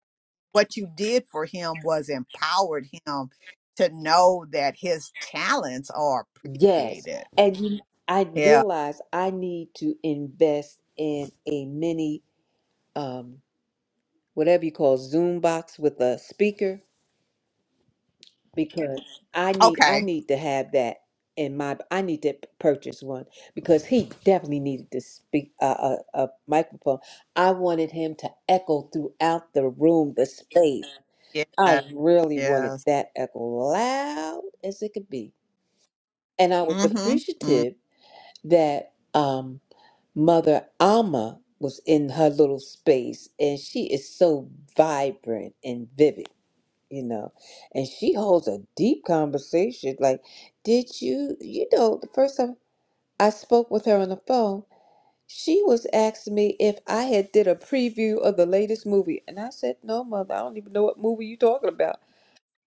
Speaker 2: what you did for him was empowered him to know that his talents are
Speaker 3: yes.
Speaker 2: appreciated.
Speaker 3: And you, I
Speaker 2: Yeah.
Speaker 3: realize I need to invest in a mini, um, whatever you call Zoom box with a speaker because I need I
Speaker 2: Okay.
Speaker 3: need to have that in my I need to p- purchase one because he definitely needed to speak a, a, a microphone. I wanted him to echo throughout the room, the space.
Speaker 2: Yeah.
Speaker 3: I really wanted
Speaker 2: Yes.
Speaker 3: that echo loud as it could be. And I was
Speaker 2: Mm-hmm.
Speaker 3: appreciative that um, Mother Alma was in her little space and she is so vibrant and vivid you know and she holds a deep conversation like did you you know the first time i spoke with her on the phone she was asking me if i had did a preview of the latest movie and i said no mother i don't even know what movie you are talking about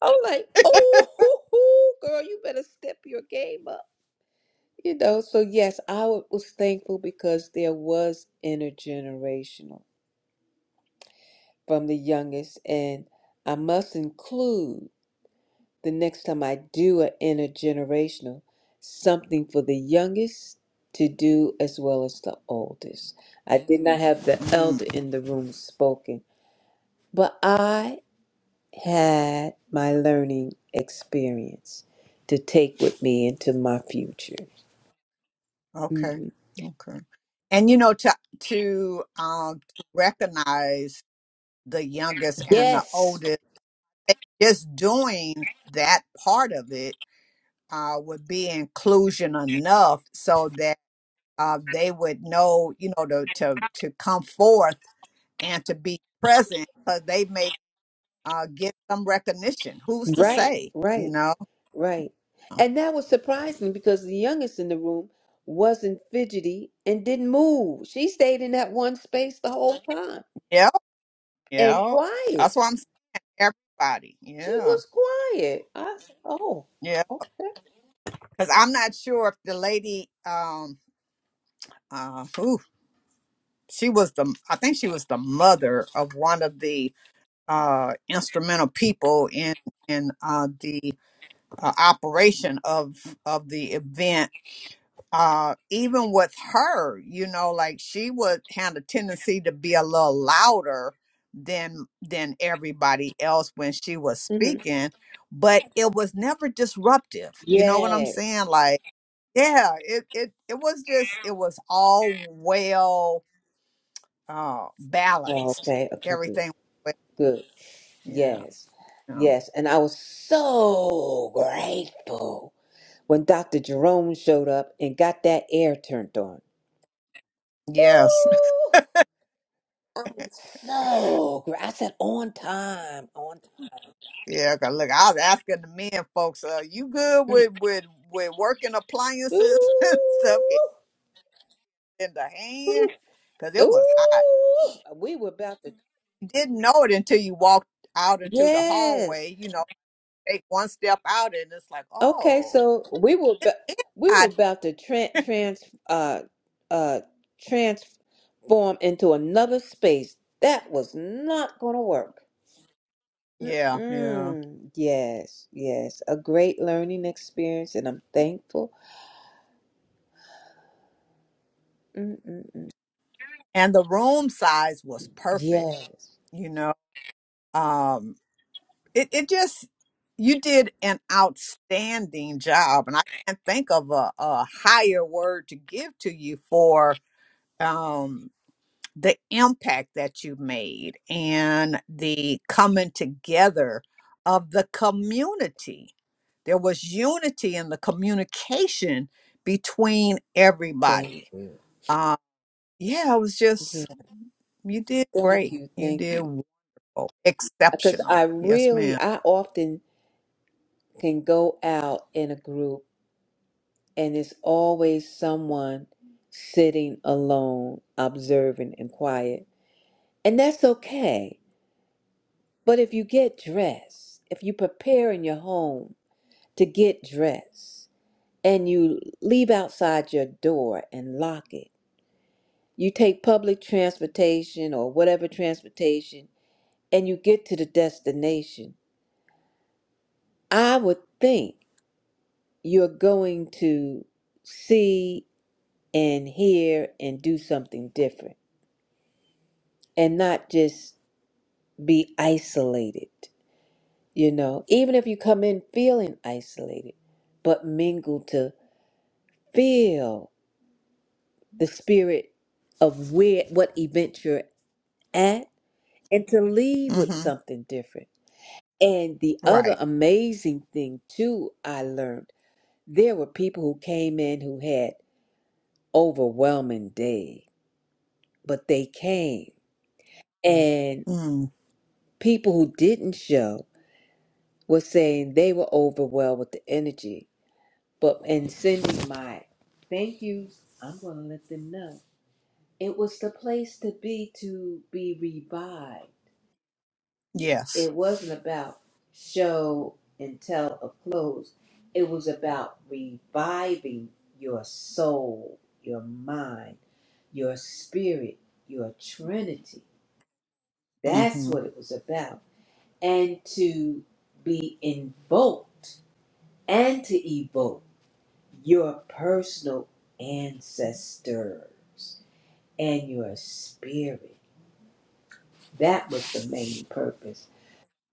Speaker 3: i'm like oh *laughs* hoo, hoo, girl you better step your game up you know so yes i wa- was thankful because there was intergenerational from the youngest and i must include the next time I do an intergenerational, something for the youngest to do as well as the oldest. I did not have the
Speaker 2: Mm-hmm.
Speaker 3: elder in the room spoken, but I had my learning experience to take with me into my future.
Speaker 2: Okay.
Speaker 3: Mhm.
Speaker 2: Okay. And you know, to to um to recognize the youngest and the
Speaker 3: Yes,
Speaker 2: oldest, just doing that part of it uh would be inclusion enough so that uh, they would know, you know, to to to come forth and to be present because they may uh, get some recognition. Who's to
Speaker 3: right,
Speaker 2: say? You
Speaker 3: right,
Speaker 2: know?
Speaker 3: right. And that was surprising because the youngest in the room wasn't fidgety and didn't move. She stayed in that one space the whole time.
Speaker 2: Yeah,
Speaker 3: and
Speaker 2: yeah. That's
Speaker 3: quiet.
Speaker 2: why I'm saying everybody.
Speaker 3: She
Speaker 2: Yeah,
Speaker 3: was quiet. I said, oh,
Speaker 2: yeah.
Speaker 3: okay.
Speaker 2: Because I'm not sure if the lady, um, uh, who she was the, I think she was the mother of one of the uh instrumental people in in uh the uh, operation of of the event uh even with her you know like she would had a tendency to be a little louder than than everybody else when she was
Speaker 3: hmm
Speaker 2: speaking but it was never disruptive you know what i'm saying
Speaker 3: Yes.
Speaker 2: like yeah it it, it was just it was all well uh
Speaker 3: Oh,
Speaker 2: balanced
Speaker 3: okay. Okay. Good.
Speaker 2: everything was
Speaker 3: Good.
Speaker 2: well- yeah
Speaker 3: Yes.
Speaker 2: yeah
Speaker 3: Yes. And I was so grateful when Dr. Jerome showed up and got that air turned on.
Speaker 2: yes *laughs*
Speaker 3: Woo! I'm so gra- I said on time, on time.
Speaker 2: yeah 'cause look i was asking the men folks uh you good
Speaker 3: Mm.
Speaker 2: with with with working appliances *laughs* and stuff
Speaker 3: Ooh,
Speaker 2: in the
Speaker 3: ooh,
Speaker 2: hand because it
Speaker 3: ooh.
Speaker 2: was hot.
Speaker 3: We were about to.
Speaker 2: You didn't know it until you walked out into the
Speaker 3: Yes.
Speaker 2: hallway, you know, take one step out and it's like,
Speaker 3: Okay,
Speaker 2: oh,
Speaker 3: so we were ba- we were
Speaker 2: I,
Speaker 3: about to tran trans uh uh transform into another space. That was not going to work.
Speaker 2: yeah, yeah.
Speaker 3: Mm-mm. Yes, yes, a great learning experience, and I'm thankful. Mm-mm-mm.
Speaker 2: And the room size was perfect,
Speaker 3: Yes,
Speaker 2: you know. Um, it, it just, you did an outstanding job. And I can't think of a, a higher word to give to you for. um the impact that you made and the coming together of the community. There was unity in the communication between
Speaker 3: thank
Speaker 2: everybody.
Speaker 3: you.
Speaker 2: Uh, yeah, it was
Speaker 3: Yeah,
Speaker 2: just, you did
Speaker 3: thank
Speaker 2: great.
Speaker 3: you,
Speaker 2: You
Speaker 3: thank
Speaker 2: did
Speaker 3: you.
Speaker 2: well.
Speaker 3: Because I
Speaker 2: exceptional. Yes,
Speaker 3: really,
Speaker 2: ma'am.
Speaker 3: I often can go out in a group. And it's always someone sitting alone, observing and quiet. And that's okay. But if you get dressed, if you prepare in your home to get dressed and you leave outside your door and lock it, you take public transportation or whatever transportation and you get to the destination, I would think you're going to see and hear and do something different and not just be isolated, you know, even if you come in feeling isolated, but mingle to feel the spirit of where what event you're at and to leave with
Speaker 2: Mm-hmm.
Speaker 3: something different. And the other
Speaker 2: Right.
Speaker 3: amazing thing too I learned, there were people who came in who had overwhelming day, but they came. And
Speaker 2: Mm,
Speaker 3: people who didn't show were saying they were overwhelmed with the energy But and sending my thank yous, I'm gonna let them know. It was the place to be to be revived.
Speaker 2: yes.
Speaker 3: It wasn't about show and tell of clothes. It was about reviving your soul, your mind, your spirit, your trinity. That's
Speaker 2: Mm-hmm.
Speaker 3: what it was about. And to be invoked and to evoke. your personal ancestors and your spirit. That was the main purpose.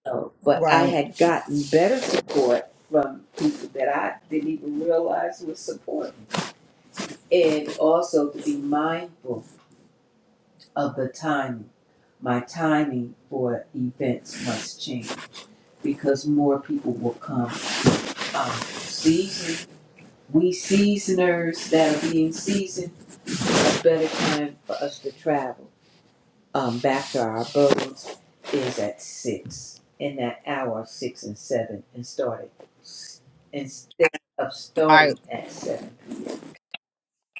Speaker 3: So, but I
Speaker 2: Right.
Speaker 3: had gotten better support from people that I didn't even realize was supporting. And also to be mindful of the timing. My timing for events must change because more people will come. Um, season, we seasoners that are being seasoned a better time for us to travel um, back to our abodes is at six in that hour of six and seven and started instead of
Speaker 2: I,
Speaker 3: starting at seven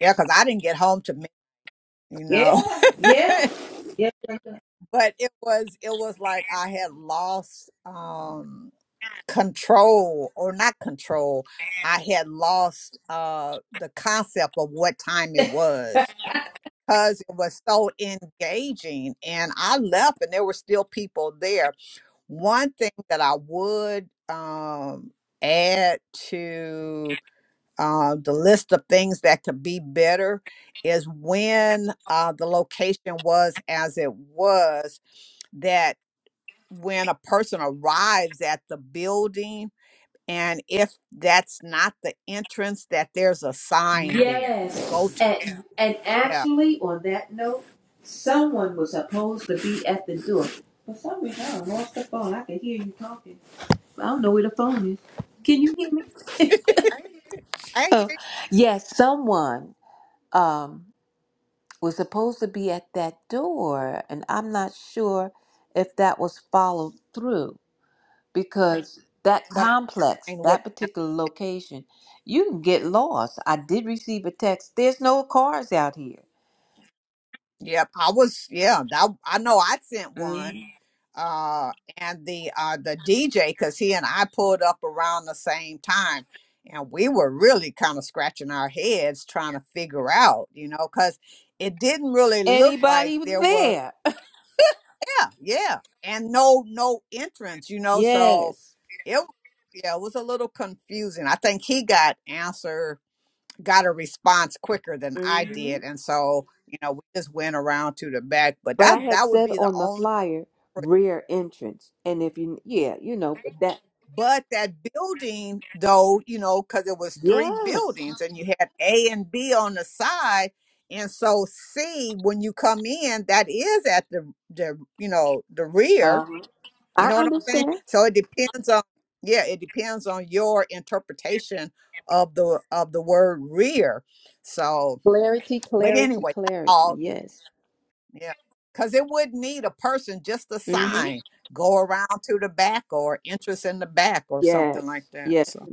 Speaker 2: yeah, because I didn't get home to me, you know.
Speaker 3: yeah
Speaker 2: *laughs*
Speaker 3: yeah yeah
Speaker 2: but it was it was like I had lost um control or not control. I had lost uh the concept of what time it was because it was so engaging and I left and there were still people there. One thing that I would um add to uh, the list of things that could be better is when uh, the location was as it was, that when a person arrives at the building and if that's not the entrance that there's a sign there go
Speaker 3: yes
Speaker 2: to
Speaker 3: and and
Speaker 2: yeah
Speaker 3: actually on that note someone was supposed to be at the door for some reason i lost the phone i can hear you talking i don't know where the phone is can you hear me
Speaker 2: i
Speaker 3: *laughs*
Speaker 2: hear
Speaker 3: oh
Speaker 2: you,
Speaker 3: yes someone Um. was supposed to be at that door, and I'm not sure if that was followed through because that
Speaker 2: but
Speaker 3: complex,
Speaker 2: i would
Speaker 3: that particular location, you can get lost. I did receive a text. There's no cars out here.
Speaker 2: yep i was yeah that, i know i sent one
Speaker 3: Mhm.
Speaker 2: uh and the uh the dj because he and i pulled up around the same time and we were really kind of scratching our heads trying to figure out you know because it didn't really look like
Speaker 3: Anybody
Speaker 2: there was
Speaker 3: there? *laughs*
Speaker 2: yeah, yeah, and no, no entrance, you know. So
Speaker 3: Yes.
Speaker 2: it, yeah, it was a little confusing. I think he got answer, got a response quicker than I
Speaker 3: hmm
Speaker 2: did, and so you know we just went around to the back. But
Speaker 3: But I
Speaker 2: that
Speaker 3: had
Speaker 2: that would
Speaker 3: said
Speaker 2: be the
Speaker 3: on the
Speaker 2: only.
Speaker 3: flyer rear entrance, and if you, yeah, you know, but that,
Speaker 2: But that building, though, you know, because it was three
Speaker 3: yes,
Speaker 2: buildings, and you had A and B on the side. And so C, when you come in, that is at the the you know the rear,
Speaker 3: uh,
Speaker 2: You
Speaker 3: I
Speaker 2: know what I'm saying?
Speaker 3: understand.
Speaker 2: So it depends on yeah, it depends on your interpretation of the of the word rear. So,
Speaker 3: Clarity,
Speaker 2: but
Speaker 3: clarity,
Speaker 2: anyway, that's
Speaker 3: clarity.
Speaker 2: all
Speaker 3: Yes.
Speaker 2: yeah, because it would need a person just a
Speaker 3: Mhm.
Speaker 2: sign go around to the back or interest in the back or
Speaker 3: Yes,
Speaker 2: something like that.
Speaker 3: yes.
Speaker 2: So,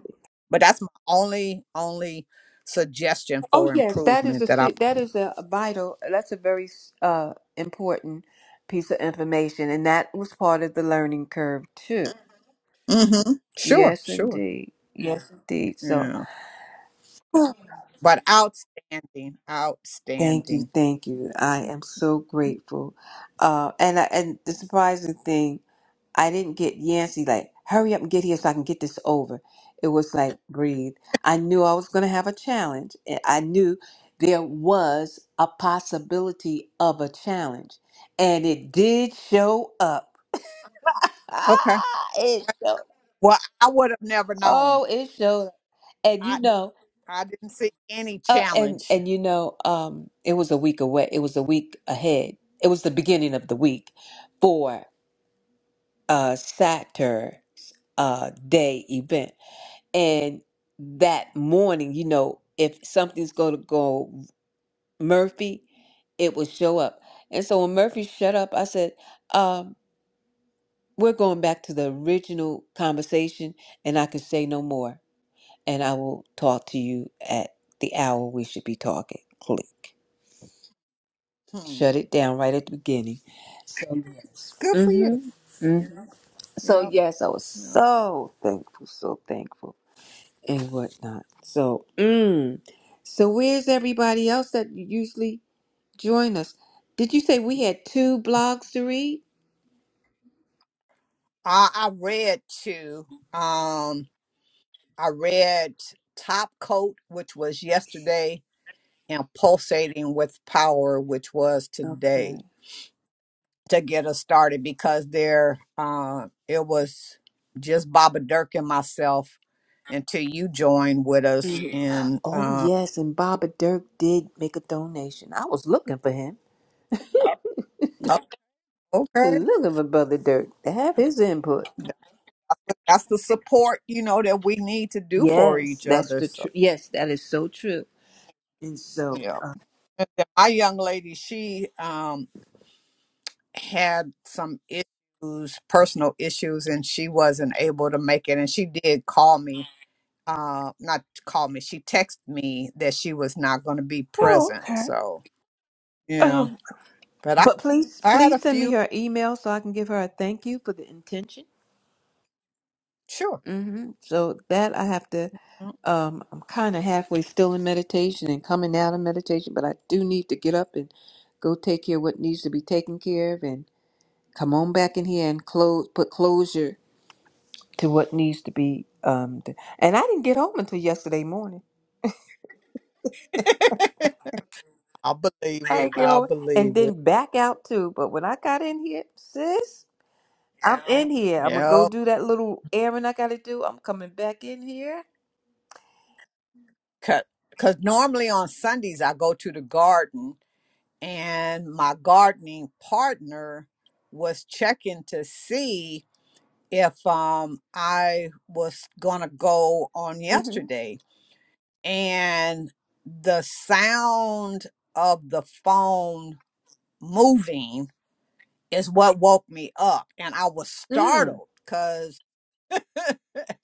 Speaker 2: but that's my only only suggestion
Speaker 3: Oh,
Speaker 2: for
Speaker 3: yes. That is
Speaker 2: improvement
Speaker 3: a
Speaker 2: that I.
Speaker 3: se- that is a vital. That's a very uh, important piece of information, and that was part of the learning curve too.
Speaker 2: Mm-hmm. Sure,
Speaker 3: Yes,
Speaker 2: sure,
Speaker 3: indeed. Yes, indeed. So,
Speaker 2: yeah. But outstanding,
Speaker 3: thank you,
Speaker 2: outstanding.
Speaker 3: thank you. I am so grateful. Uh, and I, and the surprising thing I didn't get Yancy like, hurry up and get here so I can get this over. It was like, breathe. I knew I was going to have a challenge. and I knew there was a possibility of a challenge. And it did show up.
Speaker 2: Okay.
Speaker 3: Ah, it showed.
Speaker 2: Well, I would have never known.
Speaker 3: Oh, it showed. And you
Speaker 2: I
Speaker 3: know,
Speaker 2: I didn't see any
Speaker 3: uh, and
Speaker 2: challenge.
Speaker 3: and you know, um, it was a week away. It was a week ahead. It was the beginning of the week for a Saturday uh, day event. And that morning, you know, if something's going to go Murphy, it will show up. And so when Murphy shut up, I said, um, We're going back to the original conversation, and I can say no more. And I will talk to you at the hour we should be talking. Click.
Speaker 2: Hmm.
Speaker 3: Shut it down right at the beginning. So, yes.
Speaker 2: Good for you.
Speaker 3: Mm-hmm. hmm So,
Speaker 2: Yep.
Speaker 3: yes, I was
Speaker 2: yep.
Speaker 3: so thankful, so thankful. and whatnot. So, mm. so where's everybody else that usually join us? Did you say we had two blogs to read?
Speaker 2: I I read too. Um, I read Top Coat, which was yesterday, and Pulsating with Power, which was
Speaker 3: Okay.
Speaker 2: today, to get us started because there, uh, it was just Baba Dirk and myself until you joined with us.
Speaker 3: Mhm.
Speaker 2: And
Speaker 3: Oh
Speaker 2: uh,
Speaker 3: yes, and Baba Dirk did make a donation. I was looking for him,
Speaker 2: oh, okay,
Speaker 3: looking for Brother Dirk to have his input.
Speaker 2: that's the support you know that we need to do for
Speaker 3: Yes,
Speaker 2: each
Speaker 3: that's
Speaker 2: other
Speaker 3: the
Speaker 2: so
Speaker 3: tr- yes, that is so true. And so,
Speaker 2: yeah my young lady she um had some issues personal issues and she wasn't able to make it and she did call me uh not call me she texted me that she was not going to be
Speaker 3: oh
Speaker 2: present
Speaker 3: okay.
Speaker 2: so yeah
Speaker 3: Um,
Speaker 2: but i
Speaker 3: but please,
Speaker 2: i had a
Speaker 3: please send me
Speaker 2: few
Speaker 3: her email so I can give her a thank you for the intention.
Speaker 2: sure
Speaker 3: hmm So that I have to, um, I'm kind of halfway still in meditation and coming out of meditation, but I do need to get up and go take care of what needs to be taken care of and come on back in here and close, put closure to what needs to be. Um, d and I didn't get home until yesterday morning.
Speaker 2: *laughs* i'll believe
Speaker 3: I
Speaker 2: it
Speaker 3: didn't get
Speaker 2: i'll
Speaker 3: home and
Speaker 2: believe it
Speaker 3: then back out too. But when I got in here, sis, I'm in here. I'm gonna go
Speaker 2: yeah
Speaker 3: do that little errand I gotta do. I'm coming back in here.
Speaker 2: because normally on sundays i go to the garden and my gardening partner was checking to see if um I was going to go on
Speaker 3: Mm-hmm.
Speaker 2: yesterday and the sound of the phone moving is what woke me up and I was
Speaker 3: Mm.
Speaker 2: startled cuz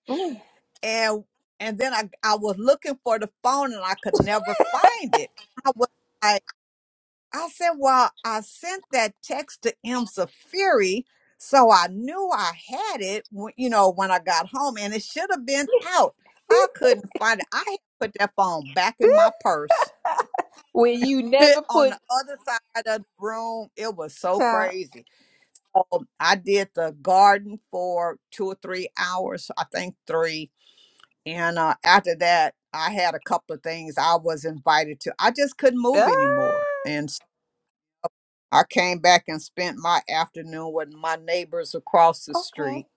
Speaker 3: Mm.
Speaker 2: and and then I I was looking for the phone and I could never find it. I was like I said, Well, I sent that text to M. Safiri, so I knew I had it, when, you know, when I got home, and it should have been out. I couldn't find it. I had put that phone back in my purse
Speaker 3: Where you
Speaker 2: *laughs*
Speaker 3: never
Speaker 2: on
Speaker 3: put
Speaker 2: the other side of the room. It was so
Speaker 3: Child.
Speaker 2: crazy. Um, I did the garden for two or three hours, I think three. And uh, after that, I had a couple of things I was invited to. I just couldn't
Speaker 3: Ah,
Speaker 2: move anymore. and." I came back and spent my afternoon with my neighbors across the
Speaker 3: okay.
Speaker 2: street.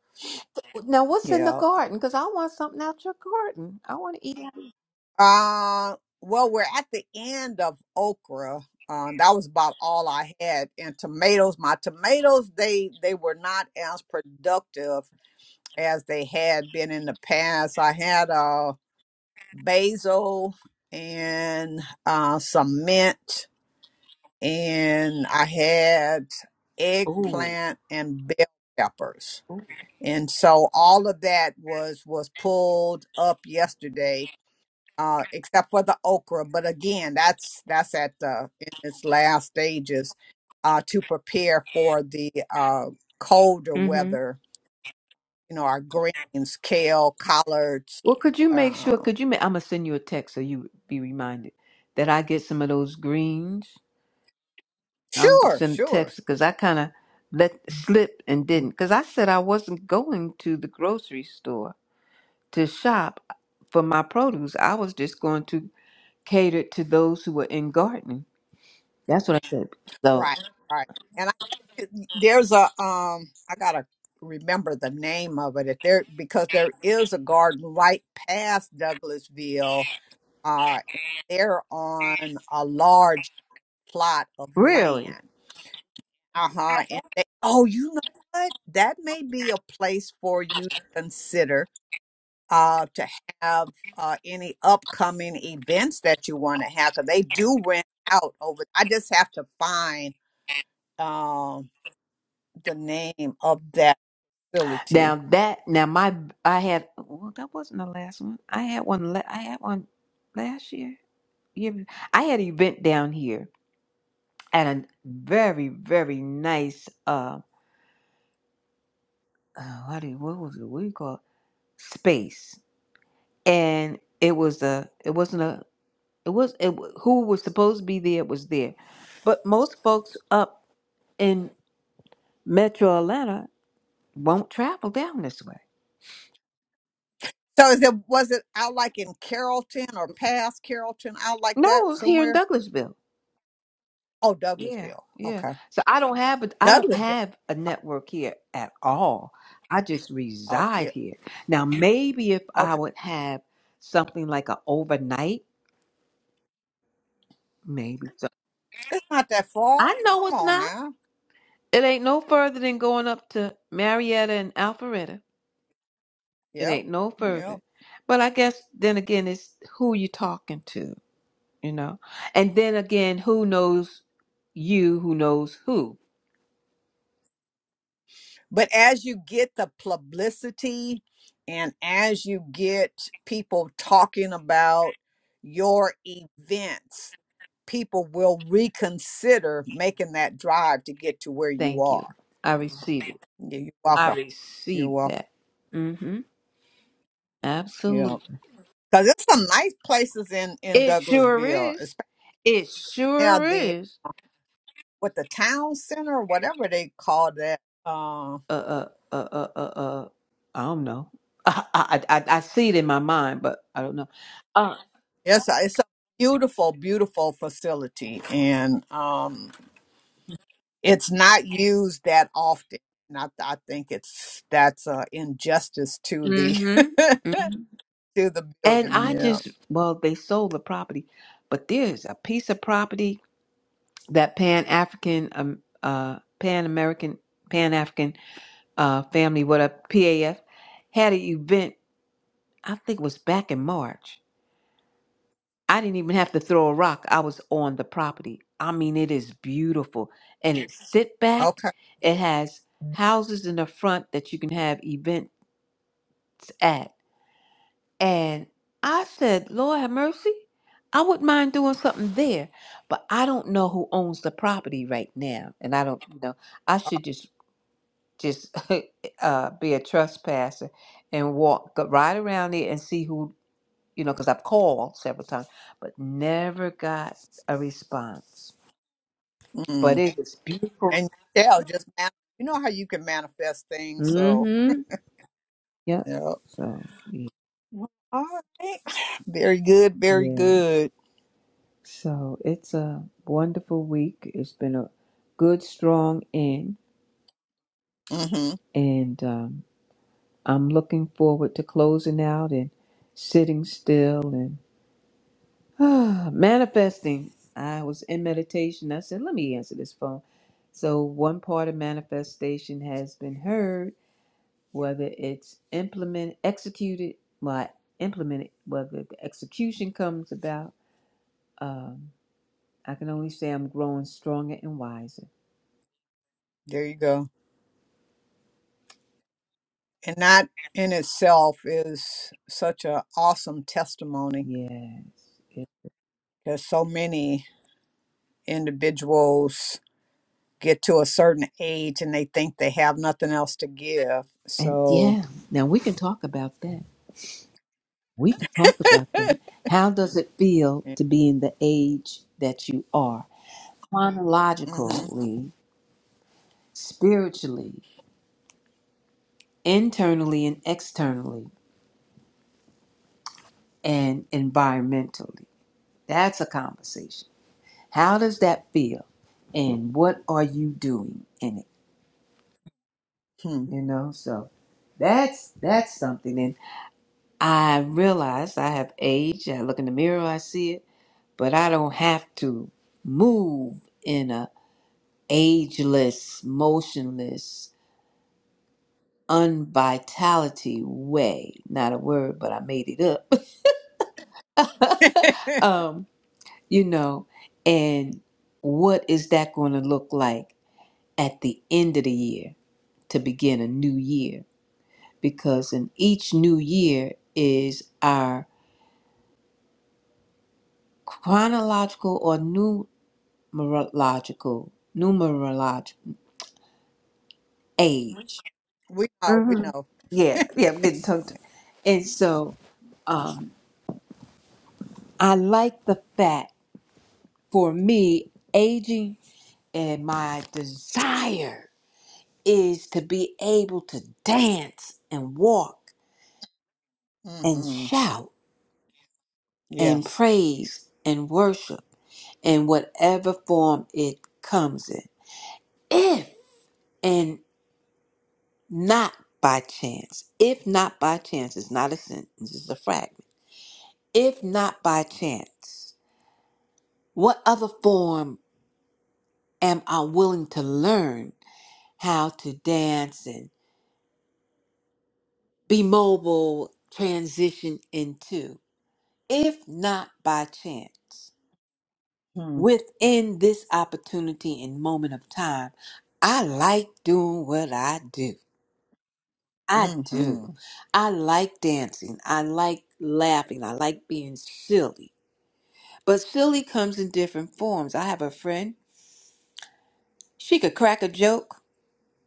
Speaker 3: Now, what's in the
Speaker 2: Yeah.
Speaker 3: garden? Because I want something out your garden. I want to eat. out.
Speaker 2: Uh, well, we're at the end of okra. Um, that was about all I had. And tomatoes, my tomatoes, they they were not as productive as they had been in the past. I had uh, basil and uh, some mint, and I had
Speaker 3: Ooh.
Speaker 2: eggplant and bell peppers and so all of that was was pulled up yesterday uh except for the okra but again that's that's at the in its last stages uh to prepare for the uh colder
Speaker 3: Mm-hmm.
Speaker 2: weather you know our greens kale collards
Speaker 3: Well, could you make sure?
Speaker 2: um
Speaker 3: Could you make? I'm gonna send you a text so you be reminded that I get some of those greens. I'm gonna
Speaker 2: sure
Speaker 3: send a
Speaker 2: sure
Speaker 3: text because I kind of let slip and didn't because I said I wasn't going to the grocery store to shop for my produce. I was just going to cater to those who were in gardening. That's what I said. So
Speaker 2: right right and i think it- there's a um i gotta remember the name of it if there because there is a garden right past douglasville uh, and they're on a large plot of
Speaker 3: really.
Speaker 2: land. Uh huh. And they, oh, you know what? That may be a place for you to consider uh, to have uh, any upcoming events that you want to have because they do rent out over. I just have to find um, the name of that facility.
Speaker 3: Now that now my I had well that wasn't the last one. I had one la- I had one last year. year be- I had an event down here at a very very nice uh, uh what do you, what was it what do you call it? space and it was a it wasn't a it was it, wa- who was supposed to be there was there, but most folks up in Metro Atlanta won't travel down this way.
Speaker 2: So is it was it out like in Carrollton or past Carrollton out like
Speaker 3: No,
Speaker 2: that
Speaker 3: it was here in
Speaker 2: somewhere?
Speaker 3: Douglasville
Speaker 2: Oh,
Speaker 3: Yeah,
Speaker 2: Douglasville.
Speaker 3: yeah.
Speaker 2: Okay,
Speaker 3: So I don't have a I don't
Speaker 2: Douglasville.
Speaker 3: have a network here at all. I just
Speaker 2: Okay,
Speaker 3: reside here. Now maybe if I
Speaker 2: Okay.
Speaker 3: would have something like a overnight, maybe so.
Speaker 2: It's not that
Speaker 3: I
Speaker 2: far.
Speaker 3: know
Speaker 2: Come
Speaker 3: it's
Speaker 2: on
Speaker 3: not.
Speaker 2: now.
Speaker 3: It ain't no further than going up to Marietta and Alpharetta. It
Speaker 2: Yep.
Speaker 3: ain't no further.
Speaker 2: Yep.
Speaker 3: But I guess then again it's who you talking to, you know? And then again, who knows you who knows who.
Speaker 2: But as you get the publicity and as you get people talking about your events, people will reconsider making that drive to get to where you
Speaker 3: Thank you.
Speaker 2: are.
Speaker 3: I receive it.
Speaker 2: Yeah, you're
Speaker 3: I
Speaker 2: welcome. You're
Speaker 3: received
Speaker 2: welcome.
Speaker 3: that. Mm-hmm.
Speaker 2: Yeah.
Speaker 3: Absolutely.
Speaker 2: Because there's some nice places in, in
Speaker 3: It sure
Speaker 2: Douglasville,
Speaker 3: is.
Speaker 2: especially
Speaker 3: It
Speaker 2: now
Speaker 3: sure
Speaker 2: the,
Speaker 3: is.
Speaker 2: with the town center or whatever they call that. uh,
Speaker 3: Uh, uh, uh, uh, uh, uh I don't know. *laughs* I, I, I, I see it in my mind, but I don't know. Uh,
Speaker 2: Yes, I- it's a beautiful, beautiful facility, and um, it's not used that often. And I, I think it's that's uh, injustice to the
Speaker 3: mm-hmm.
Speaker 2: *laughs*
Speaker 3: Mm-hmm.
Speaker 2: to the
Speaker 3: And
Speaker 2: building.
Speaker 3: I
Speaker 2: Yeah.
Speaker 3: just, well, they sold the property, but there's a piece of property that Pan African, um, uh, Pan American, Pan African, uh, family, what a PAF, had an event. I think it was back in March I didn't even have to throw a rock. I was on the property. I mean, it is beautiful. And it's sit back.
Speaker 2: Okay.
Speaker 3: It has houses in the front that you can have events at. And I said, Lord have mercy. I wouldn't mind doing something there. But I don't know who owns the property right now. And I don't you know. I
Speaker 2: Uh,
Speaker 3: should just just *laughs* uh, be a trespasser and walk, go right around there and see who you know, because I've called several times, but never got a response. But
Speaker 2: Mm.
Speaker 3: it was beautiful.
Speaker 2: And you shall just man- you know how you can manifest things. So
Speaker 3: Mm-hmm. Yep.
Speaker 2: yeah.
Speaker 3: So y-
Speaker 2: Well, All right. *sighs* Very good. Very
Speaker 3: yes.
Speaker 2: good.
Speaker 3: So it's a wonderful week. It's been a good, strong end,
Speaker 2: Mm-hmm.
Speaker 3: and um, I'm looking forward to closing out and sitting still and *sighs* manifesting. I was in meditation. I said, "Let me answer this phone." So one part of manifestation has been heard whether it's implemented, executed, well, implemented, whether the execution comes about. Um, I can only say I'm growing stronger and wiser.
Speaker 2: There you go. and that in itself is such an awesome testimony
Speaker 3: Yes. It-
Speaker 2: because so many individuals get to a certain age and they think they have nothing else to give
Speaker 3: And
Speaker 2: so
Speaker 3: yeah, now we can talk about that. We can talk about
Speaker 2: *laughs*
Speaker 3: that.
Speaker 2: yeah.
Speaker 3: How does it feel to be in the age that you are?
Speaker 2: hmm
Speaker 3: Chronologically, spiritually, internally and externally, and environmentally. That's a conversation How does that feel? And what are you doing in it?
Speaker 2: hmm.
Speaker 3: You know, so that's that's something. And I realize I have aged. I look in the mirror, I see it, but I don't have to move in a ageless, motionless, unvitality way. Not a word, but I made it up. *laughs* um, you know, and what is that going to look like at the end of the year to begin a new year? because in each new year is our chronological or numerological numerological age.
Speaker 2: we know we know
Speaker 3: Yeah, yeah, I'm getting tongue. And so um, I like the fact for me, aging and my desire is to be able to dance and walk and
Speaker 2: hmm
Speaker 3: shout and
Speaker 2: yes
Speaker 3: praise and worship in whatever form it comes in. If and. Not by chance. If not by chance, it's not a sentence, it's a fragment. If not by chance, what other form am I willing to learn how to dance and be mobile, transition into? If not by chance,
Speaker 2: hmm
Speaker 3: within this opportunity and moment of time, I like doing what I do. I
Speaker 2: hmm
Speaker 3: do. I like dancing. I like laughing. I like being silly. But silly comes in different forms. I have a friend, she could crack a joke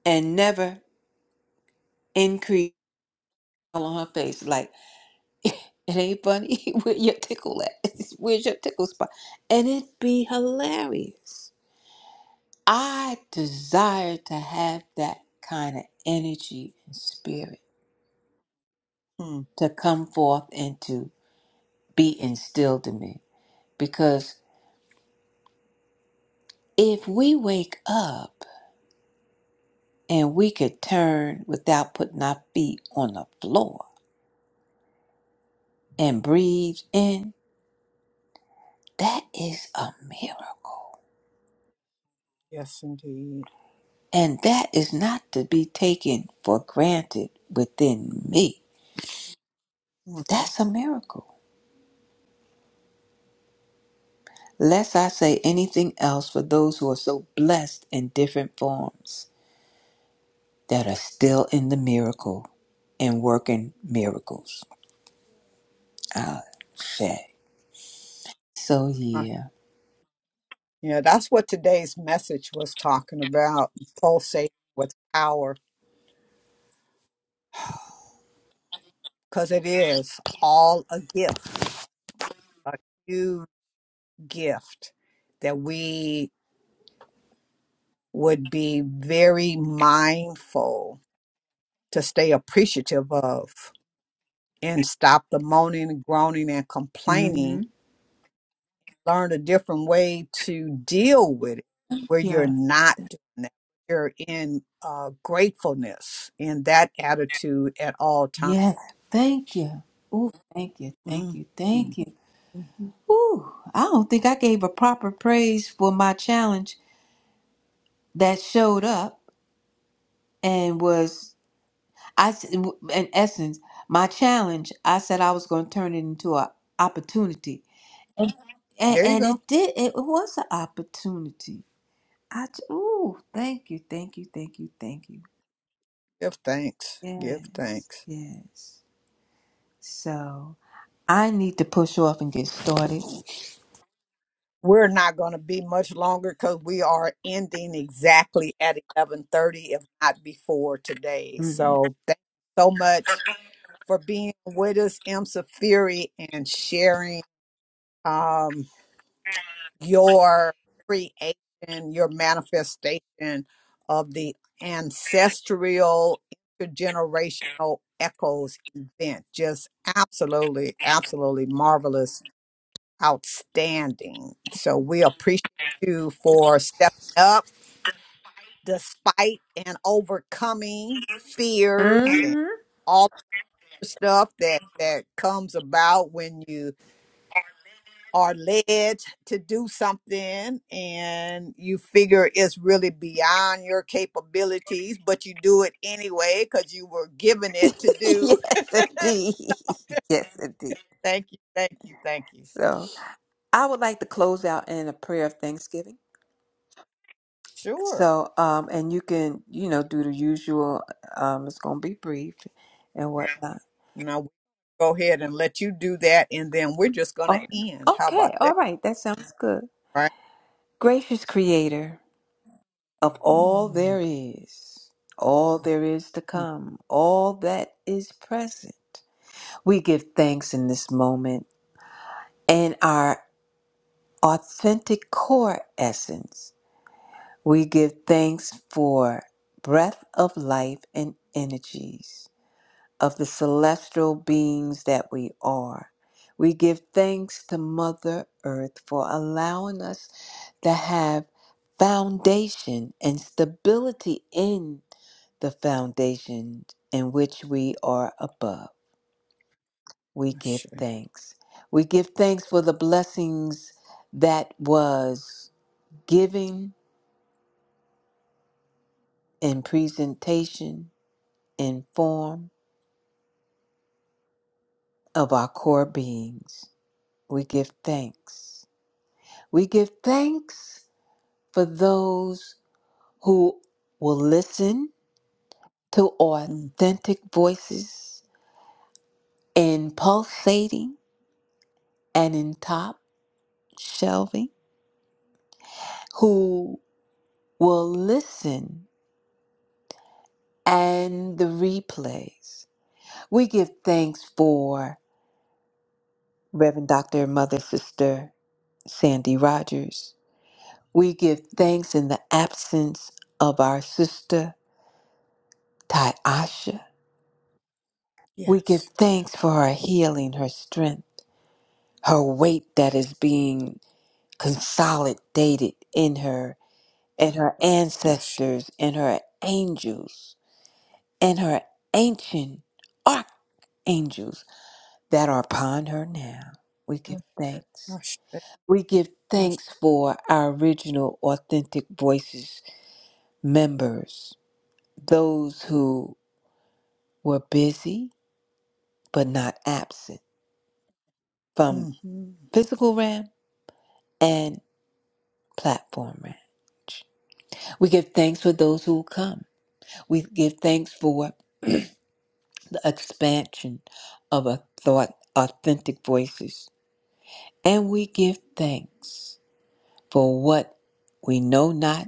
Speaker 3: and never increase on her face. Like, it ain't funny. *laughs* Where your tickle at? *laughs* Where's your tickle spot? And it'd be hilarious. I desire to have that kind of energy and spirit
Speaker 2: hmm.
Speaker 3: to come forth and to be instilled in me. Because if we wake up and we could turn without putting our feet on the floor, and breathed in, that is a miracle.
Speaker 2: yes indeed
Speaker 3: And that is not to be taken for granted within me.
Speaker 2: hmm
Speaker 3: That's a miracle. Lest I say anything else for those who are so blessed in different forms that are still in the miracle and working miracles. I say. So,
Speaker 2: Uh,
Speaker 3: yeah.
Speaker 2: yeah that's what today's message was talking about pulsate with power because it is all a gift a gift that we would be very mindful to stay appreciative of and stop the moaning, groaning, and
Speaker 3: Mm
Speaker 2: complaining.
Speaker 3: hmm.
Speaker 2: Learn a different way to deal with it where you're
Speaker 3: Yeah.
Speaker 2: not doing that. You're in uh, gratefulness in that attitude at all times.
Speaker 3: Yes. Thank you. Oh, thank you. Thank
Speaker 2: Mhm.
Speaker 3: you. Thank you.
Speaker 2: Mhm.
Speaker 3: Whew, I don't think I gave a proper praise for my challenge that showed up and was I s- in essence my challenge. I said I was going to turn it into an opportunity, and
Speaker 2: There you
Speaker 3: and
Speaker 2: go.
Speaker 3: it did. It was an opportunity. I j- ooh, thank you, thank you, thank you, thank you.
Speaker 2: Give thanks. Give
Speaker 3: Yes,
Speaker 2: thanks.
Speaker 3: yes. So I need to push off and get started.
Speaker 2: We're not going to be much longer because we are ending exactly at 11:30, if not before today.
Speaker 3: Mm.
Speaker 2: So thank you so much for being with us, M. Safiri, and sharing um, your creation, your manifestation of the ancestral intergenerational echoes event. Just absolutely, absolutely marvelous Outstanding. So we appreciate you for stepping up despite and overcoming fears and
Speaker 3: hmm
Speaker 2: all the stuff that that comes about when you are led to do something and you figure it's really beyond your capabilities, but you do it anyway because you were given it to
Speaker 3: *laughs*
Speaker 2: do.
Speaker 3: yes, indeed. *laughs* Yes, indeed.
Speaker 2: *laughs* Thank you, thank you, thank you.
Speaker 3: So. I would like to close out in a prayer of thanksgiving.
Speaker 2: Sure.
Speaker 3: So, um, and you can, you know, do the usual. Um, it's going to be brief and whatnot.
Speaker 2: Now go ahead and let you do that, and then we're just going
Speaker 3: Oh,
Speaker 2: to end. How
Speaker 3: okay.
Speaker 2: about
Speaker 3: All
Speaker 2: that?
Speaker 3: right. That sounds good.
Speaker 2: Right?
Speaker 3: Gracious Creator of all
Speaker 2: Mm,
Speaker 3: there is, all there is to
Speaker 2: mm,
Speaker 3: come, all that is present, we give thanks in this moment and our authentic core essence. We give thanks for breath of life and energies of the celestial beings that we are. We give thanks to Mother Earth for allowing us to have foundation and stability in the foundation in which we are above. We
Speaker 2: Ashe.
Speaker 3: give thanks. We give thanks for the blessings that was giving in presentation in form of our core beings. We give thanks. We give thanks for those who will listen to
Speaker 2: Mm,
Speaker 3: authentic voices in pulsating and in top shelving, who will listen and the replays. We give thanks for Reverend Dr. and Mother Sister Sandy Rogers. We give thanks in the absence of our sister, Tyasha. We give
Speaker 2: Yes,
Speaker 3: thanks
Speaker 2: yes.
Speaker 3: for her healing, her strength, her weight that is being consolidated in her, and her
Speaker 2: Ashe.
Speaker 3: ancestors, and her angels, and her ancient archangels that are upon her now. We give thanks.
Speaker 2: Ashe.
Speaker 3: We give
Speaker 2: Ashe.
Speaker 3: thanks for our original Authentic Voices members, those who were busy but not absent from
Speaker 2: Mhm.
Speaker 3: physical realm and Platform Ranch. We give thanks for those who come. We give thanks for the expansion of a thought, authentic voices. And we give thanks for what we know not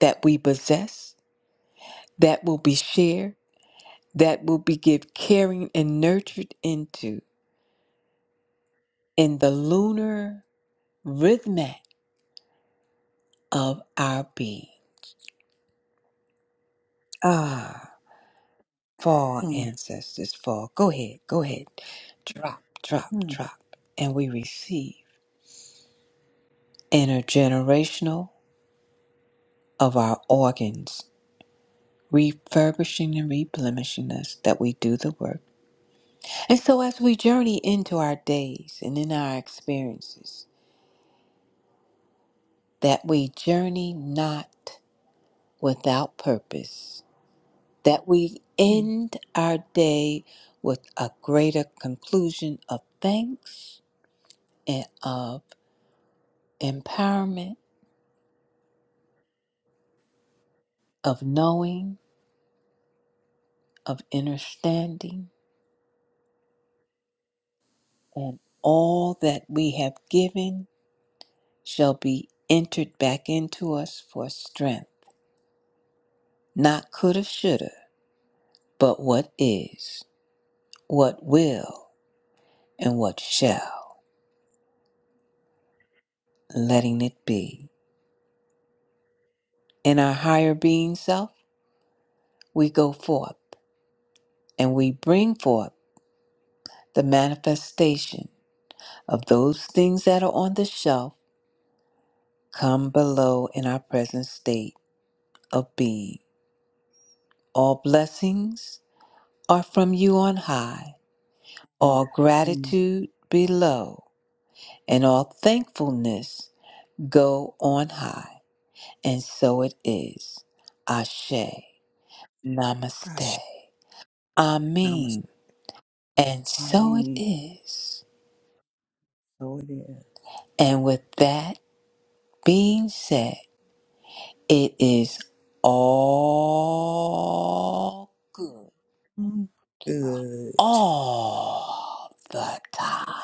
Speaker 3: that we possess, that will be shared, that will be give caring and nurtured into in the lunar rhythmic of our being. Ah. Fall,
Speaker 2: Mm,
Speaker 3: ancestors, fall. Go ahead, go ahead. Drop, drop,
Speaker 2: mm,
Speaker 3: drop. And we receive intergenerational of our organs, refurbishing and replenishing us that we do the work. And so, as we journey into our days and in our experiences, that we journey not without purpose, that we
Speaker 2: mm,
Speaker 3: end our day with a greater conclusion of thanks. and of. empowerment of knowing, of understanding, and all that we have given shall be entered back into us for strength. Not coulda, shoulda, but what is, what will, and what shall, letting it be. In our higher being self, we go forth and we bring forth the manifestation of those things that are on the shelf come below in our present state of being. All blessings are from you on high, all
Speaker 2: mm.
Speaker 3: gratitude below, and all thankfulness go on high. And so it is. Ashe, Namaste,
Speaker 2: Ashe. Namaste.
Speaker 3: Amen. And
Speaker 2: I
Speaker 3: so it
Speaker 2: mean,
Speaker 3: is.
Speaker 2: so it is.
Speaker 3: And with that being said, it is all good
Speaker 2: Mm, Good.
Speaker 3: all the time.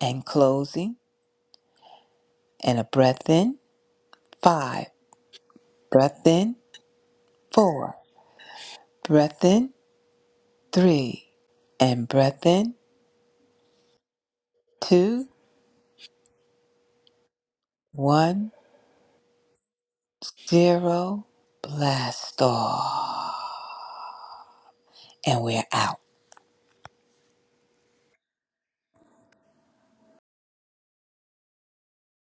Speaker 3: And closing. and a breath in, five, breath in, four, breath in, three, and breath in, two, one, zero, blast off. And we're out.